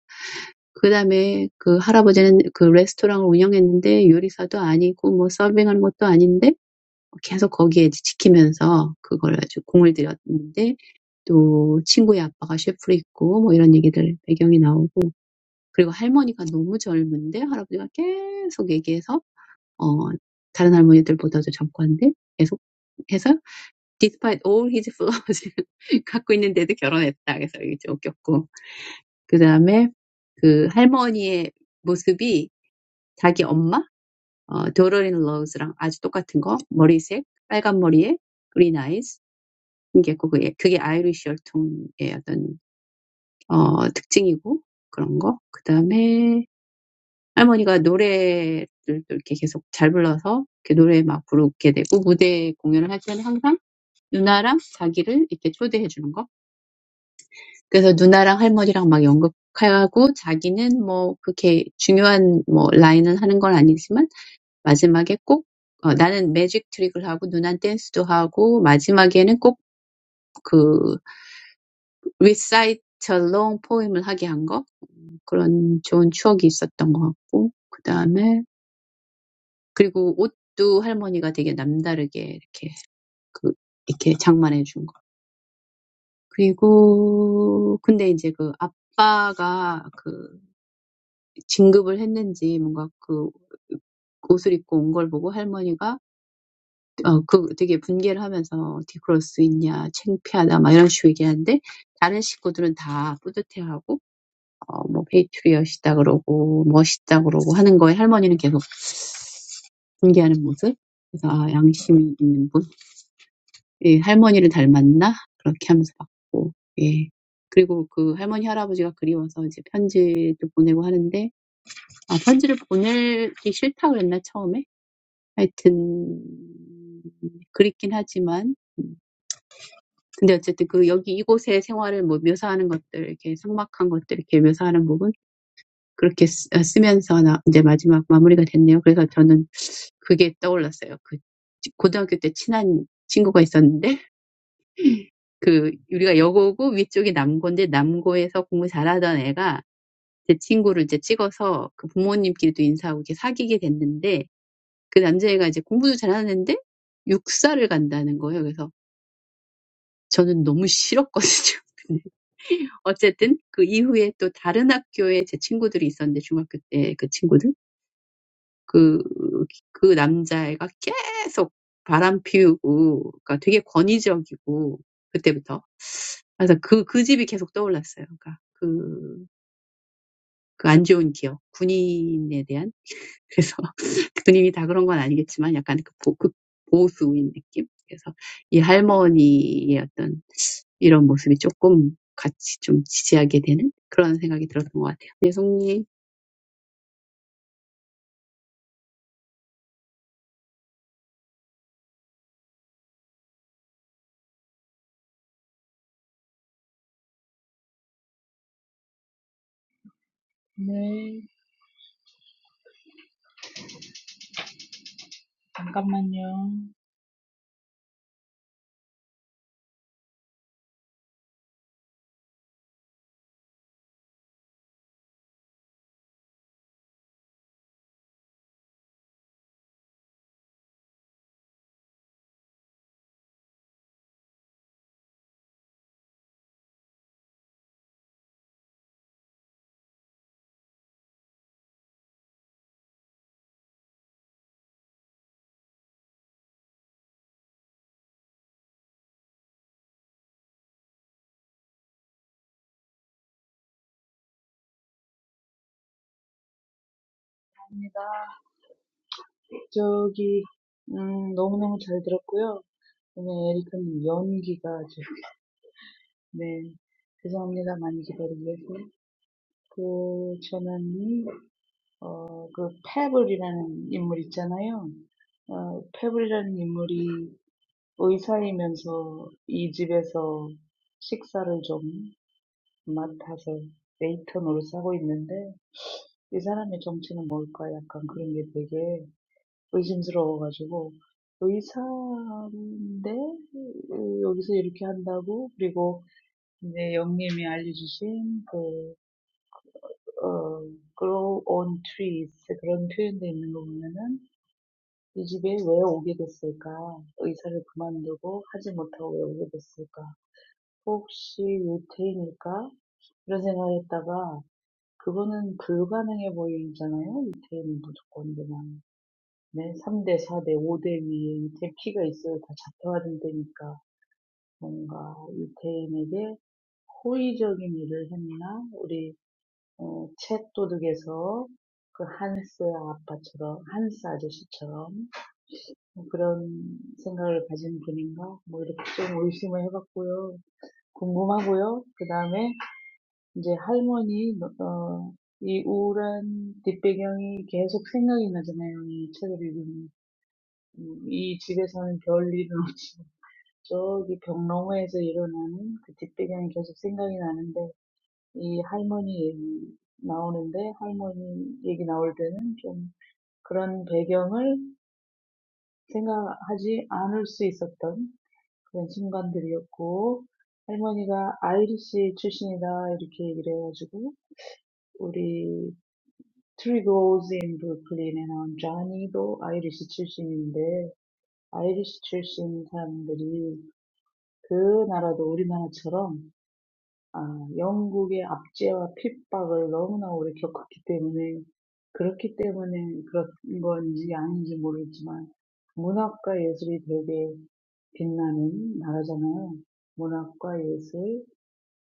Speaker 3: 그 다음에 그 할아버지는 그 레스토랑을 운영했는데 요리사도 아니고 뭐 서빙하는 것도 아닌데 계속 거기에 지키면서 그걸 아주 공을 들였는데 또 친구의 아빠가 셰프로 있고 뭐 이런 얘기들 배경이 나오고 그리고 할머니가 너무 젊은데 할아버지가 계속 얘기해서 어, 다른 할머니들보다도 젊고 한데 계속 해서 Despite all his wealth, he got married. So it was funny. Then, the grandmother's appearance was the same as his mother, Dolores Lawrence. Red hair, very nice. That's the characteristic of Irish blood. Then, [LAUGHS] 할머니가 노래를 또 이렇게 계속 잘 불러서 이렇게 노래 막 부르게 되고 무대 공연을 할 때는 항상 누나랑 자기를 이렇게 초대해 주는 거. 그래서 누나랑 할머니랑 막 연극하고 자기는 뭐 그렇게 중요한 뭐 라인은 하는 건 아니지만 마지막에 꼭 어, 나는 매직 트릭을 하고 누난 댄스도 하고 마지막에는 꼭 그 recite a long poem을 하게 한 거. 그런 좋은 추억이 있었던 것 같고 그 다음에 그리고 옷도 할머니가 되게 남다르게 이렇게 그 이렇게 장만해 준 거. 그리고 근데 이제 그 아빠가 그 진급을 했는지 뭔가 그 옷을 입고 온걸 보고 할머니가 어, 그 되게 분개를 하면서 어떻게 그럴 수 있냐, 창피하다 막 이런 식으로 얘기하는데 다른 식구들은 다 뿌듯해하고 어, 뭐 페이트리엇이다 그러고 멋있다 그러고 하는 거에 할머니는 계속 분개하는 모습. 그래서 아, 양심이 있는 예, 할머니를 닮았나? 그렇게 하면서 봤고, 예. 그리고 그 할머니, 할아버지가 그리워서 이제 편지도 보내고 하는데, 아, 편지를 보내기 싫다 그랬나, 처음에? 하여튼, 그립긴 하지만, 음, 근데 어쨌든 그 여기 이곳의 생활을 뭐 묘사하는 것들, 이렇게 삭막한 것들, 이렇게 묘사하는 부분, 그렇게 쓰, 아, 쓰면서 나, 이제 마지막 마무리가 됐네요. 그래서 저는 그게 떠올랐어요. 그 고등학교 때 친한 친구가 있었는데, 그 우리가 여고고 위쪽이 남고인데 남고에서 공부 잘하던 애가 제 친구를 이제 찍어서 그 부모님끼리도 인사하고 이렇게 사귀게 됐는데 그 남자애가 이제 공부도 잘하는데 육사를 간다는 거예요. 그래서 저는 너무 싫었거든요. [LAUGHS] 근데 어쨌든 그 이후에 또 다른 학교에 제 친구들이 있었는데 중학교 때그 친구들 그, 그 남자애가 계속 바람 피우고 그러니까 되게 권위적이고 그때부터 그래서 그, 그 집이 계속 떠올랐어요. 그러니까 그 그 안 좋은 기억, 군인에 대한 그래서 [LAUGHS] 군인이 다 그런 건 아니겠지만 약간 그, 보, 그 보수인 느낌. 그래서 이 할머니의 어떤 이런 모습이 조금 같이 좀 지지하게 되는 그런 생각이 들었던 것 같아요. 네, 송님.
Speaker 4: 네. 잠깐만요. 합니다. 저기, 음, 너무너무 잘 들었고요. 오늘 에리카님 연기가 아주, 네. 죄송합니다. 많이 기다리게 해서. 그, 저는, 어, 그, 패블이라는 인물 있잖아요. 어, 패블이라는 인물이 의사이면서 이 집에서 식사를 좀 맡아서 웨이터 노릇하고 있는데, 이 사람의 정체는 뭘까? 약간 그런 게 되게 의심스러워가지고 의사인데 여기서 이렇게 한다고 그리고 이제 영님이 알려주신 그 어, grow on trees 그런 표현도 있는 거 보면은 이 집에 왜 오게 됐을까? 의사를 그만두고 하지 못하고 왜 오게 됐을까? 혹시 유태인일까? 이런 생각을 했다가 그거는 불가능해 보이잖아요. 유태인은 무조건 그냥 네, 삼 대, 사 대, 오 대 위에 이렇게 피가 있어야 다 잡혀간다니까 뭔가 유태인에게 호의적인 일을 했나? 우리 어, 책도둑에서 그 한스 아빠처럼, 한스 아저씨처럼 그런 생각을 가진 분인가? 뭐 이렇게 좀 의심을 해봤고요. 궁금하고요. 그 다음에 이제 할머니, 어, 이 우울한 뒷배경이 계속 생각이 나잖아요. 이 책을 읽으면. 이 집에서는 별일은 저기 벽농호에서 일어나는 그 뒷배경이 계속 생각이 나는데 이 할머니 얘기 나오는데 할머니 얘기 나올 때는 좀 그런 배경을 생각하지 않을 수 있었던 그런 순간들이었고 할머니가 아이리시 출신이다 이렇게 얘기를 해가지고 우리 Three Girls in Brooklyn에 나온 쟈니도 아이리시 출신인데 아이리시 출신 사람들이 그 나라도 우리나라처럼 아, 영국의 압제와 핍박을 너무나 오래 겪었기 때문에 그렇기 때문에 그런 건지 아닌지 모르겠지만 문학과 예술이 되게 빛나는 나라잖아요. 문학과 예술,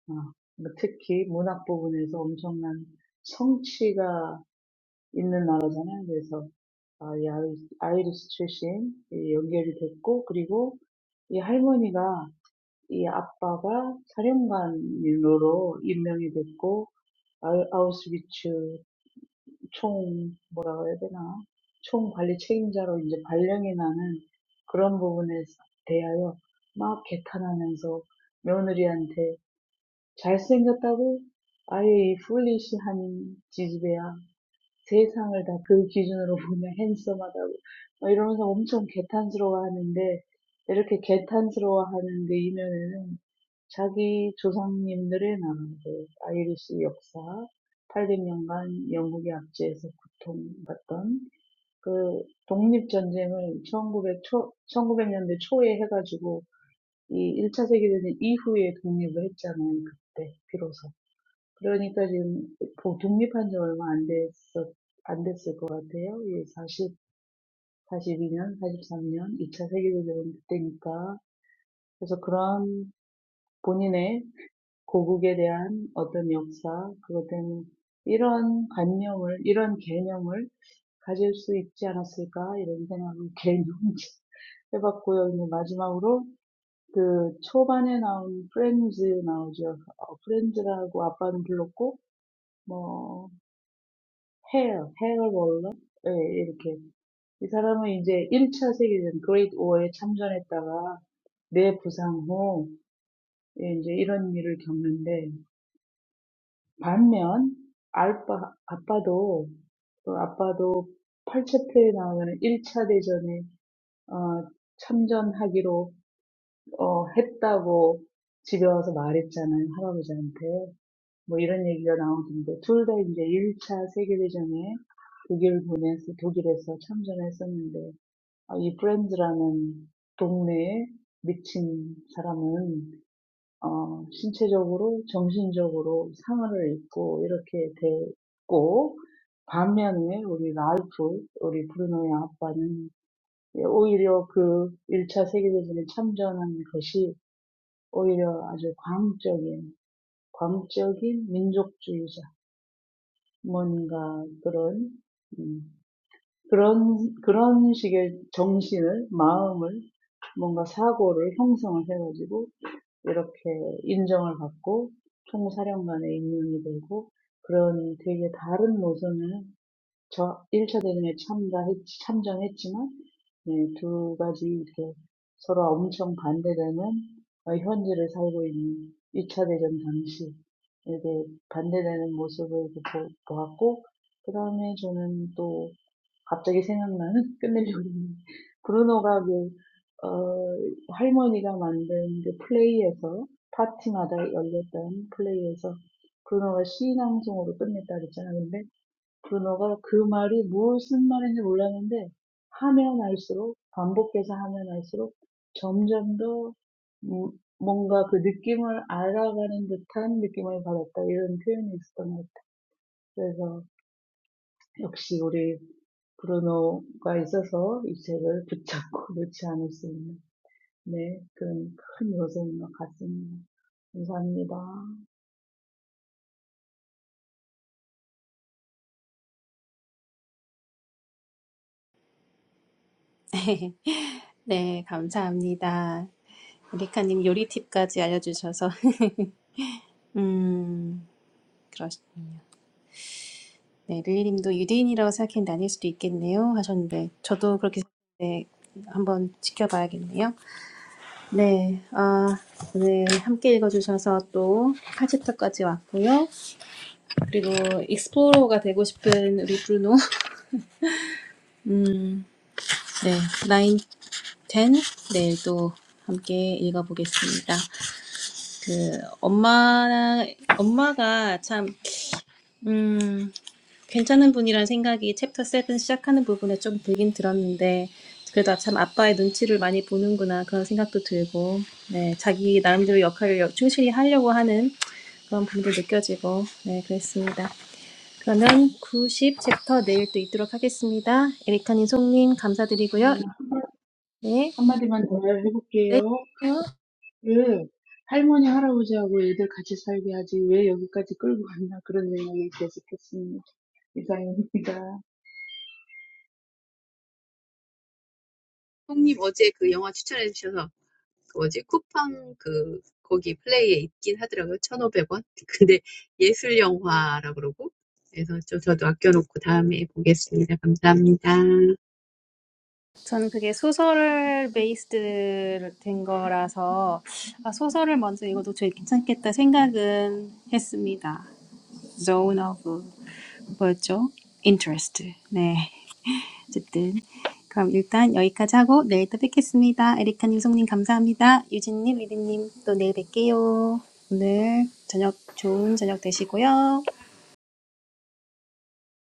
Speaker 4: 아, 특히 문학 부분에서 엄청난 성취가 있는 나라잖아요. 그래서 아, 이 아이- 아이리스 출신 이 연결이 됐고 그리고 이 할머니가 이 아빠가 사령관으로 임명이 됐고 아우- 아우슈비츠 총 뭐라고 해야 되나 총 관리 책임자로 이제 발령이 나는 그런 부분에 대하여 막 개탄하면서 며느리한테 잘생겼다고 아이 풀리시한 지지배야 세상을 다 그 기준으로 보면 핸섬하다고 막 이러면서 엄청 개탄스러워하는데 이렇게 개탄스러워하는 그 이면에는 자기 조상님들의 나라들, 아이리스 역사, 800년간 영국의 압제에서 고통받던 그 독립전쟁을 1900 초, 1900년대 초에 해가지고 이 1차 세계대전 이후에 독립을 했잖아요, 그때 비로소. 그러니까 지금 보- 독립한 지 얼마 안 됐었, 안 됐을 것 같아요. 예, 40, 42년, 43년, 2차 세계대전 때니까. 그래서 그런 본인의 고국에 대한 어떤 역사, 그것 때문에 이런 관념을, 이런 개념을 가질 수 있지 않았을까, 이런 생각을 [LAUGHS] 개념 해봤고요. 이제 마지막으로 그 초반에 나온 프렌즈 나오죠. 어, 프렌즈라고 아빠는 불렀고, 해요. 해외벌러 예, 이렇게 이 사람은 이제 1차 세계전 그레이트 워에 참전했다가 내부상 후 예, 이제 이런 일을 겪는데 반면 알바 아빠도 그 아빠도 8차표에 나오는 1차 대전에 어, 참전하기로 어, 했다고 집에 와서 말했잖아요 할아버지한테 뭐 이런 얘기가 나오던데 둘 다 이제 1차 세계대전에 독일 보내서 독일에서 참전했었는데 아, 이 브랜드라는 동네에 미친 사람은 어, 신체적으로 정신적으로 상을 입고 이렇게 됐고 반면에 우리 랄프 우리 브루노의 아빠는 오히려 그 1차 세계대전에 참전한 것이 오히려 아주 광적인 광적인 뭔가 그런 음, 그런 그런 식의 정신을 마음을 뭔가 사고를 형성을 해가지고 이렇게 인정을 받고 총사령관의 임명이 되고 그런 되게 다른 노선을 저 일 차 대전에 참가했, 참전했지만, 네, 두 가지 이렇게 서로 엄청 반대되는 어, 현재를 살고 있는 이 차 대전 당시 이렇게 반대되는 모습을 이렇게 보, 보았고, 그 다음에 저는 또 갑자기 생각나는 [LAUGHS] 끝내려고 했는데 브루노가 그, 어, 할머니가 만든 그 플레이에서 파티마다 열렸던 플레이에서 브루노가 시인왕송으로 끝냈다 그랬잖아요. 근데 그노가 그 말이 무슨 말인지 몰랐는데 하면 할수록 반복해서 하면 할수록 점점 더 음, 뭔가 그 느낌을 알아가는 듯한 느낌을 받았다 이런 표현이 있었던 것 같아요. 그래서 역시 우리 브루노가 있어서 이 책을 붙잡고 [LAUGHS] 놓지 않을 수 있는 네 그런 큰 요소인 것 같습니다. 감사합니다.
Speaker 1: [LAUGHS] 네 감사합니다. 리카님 요리 팁까지 알려주셔서 [LAUGHS] 음, 그러시군요. 네, 릴리님도 유대인이라고 생각했는데 아닐 수도 있겠네요 하셨는데 저도 그렇게 생각했는데 한번 지켜봐야겠네요. 네, 아, 오늘 함께 읽어주셔서 또 8챕터까지 왔고요. 그리고 익스플로러가 되고 싶은 우리 브루노, [LAUGHS] 음, 네, 9, 10 내일도 함께 읽어보겠습니다. 그 엄마, 엄마가 참, 음, 괜찮은 분이란 생각이 챕터 7 시작하는 부분에 좀 들긴 들었는데, 그래도 참 아빠의 눈치를 많이 보는구나 그런 생각도 들고, 네, 자기 나름대로 역할을 여- 충실히 하려고 하는 그런 부분도 느껴지고, 네, 그랬습니다. 그러면 구십 챕터 내일 또 있도록 하겠습니다. 에리카님, 송님 감사드리고요. 네,
Speaker 4: 한마디만 더
Speaker 1: 네.
Speaker 4: 해볼게요. 왜 할머니 할아버지하고 애들 같이 살게 하지 왜 여기까지 끌고 왔나 그런 생각이 계속했습니다. 이상입니다.
Speaker 3: 송님 어제 그 영화 추천해 주셔서 그 뭐지 쿠팡 그 거기 플레이에 있긴 하더라고요. 천오백 원 [LAUGHS] 근데 예술 영화라 그러고 그래서 좀 저도 아껴놓고 다음에 보겠습니다. 감사합니다.
Speaker 1: 저는 그게 소설 베이스드 된 거라서 아, 소설을 먼저 읽어도 제일 괜찮겠다 생각은 했습니다. zone of 뭐였죠? interest. 네. 어쨌든 그럼 일단 여기까지 하고 내일 또 뵙겠습니다. 에리카님, 송님 감사합니다. 유진님, 리디님 또 내일 뵐게요. 오늘 저녁 좋은 저녁 되시고요.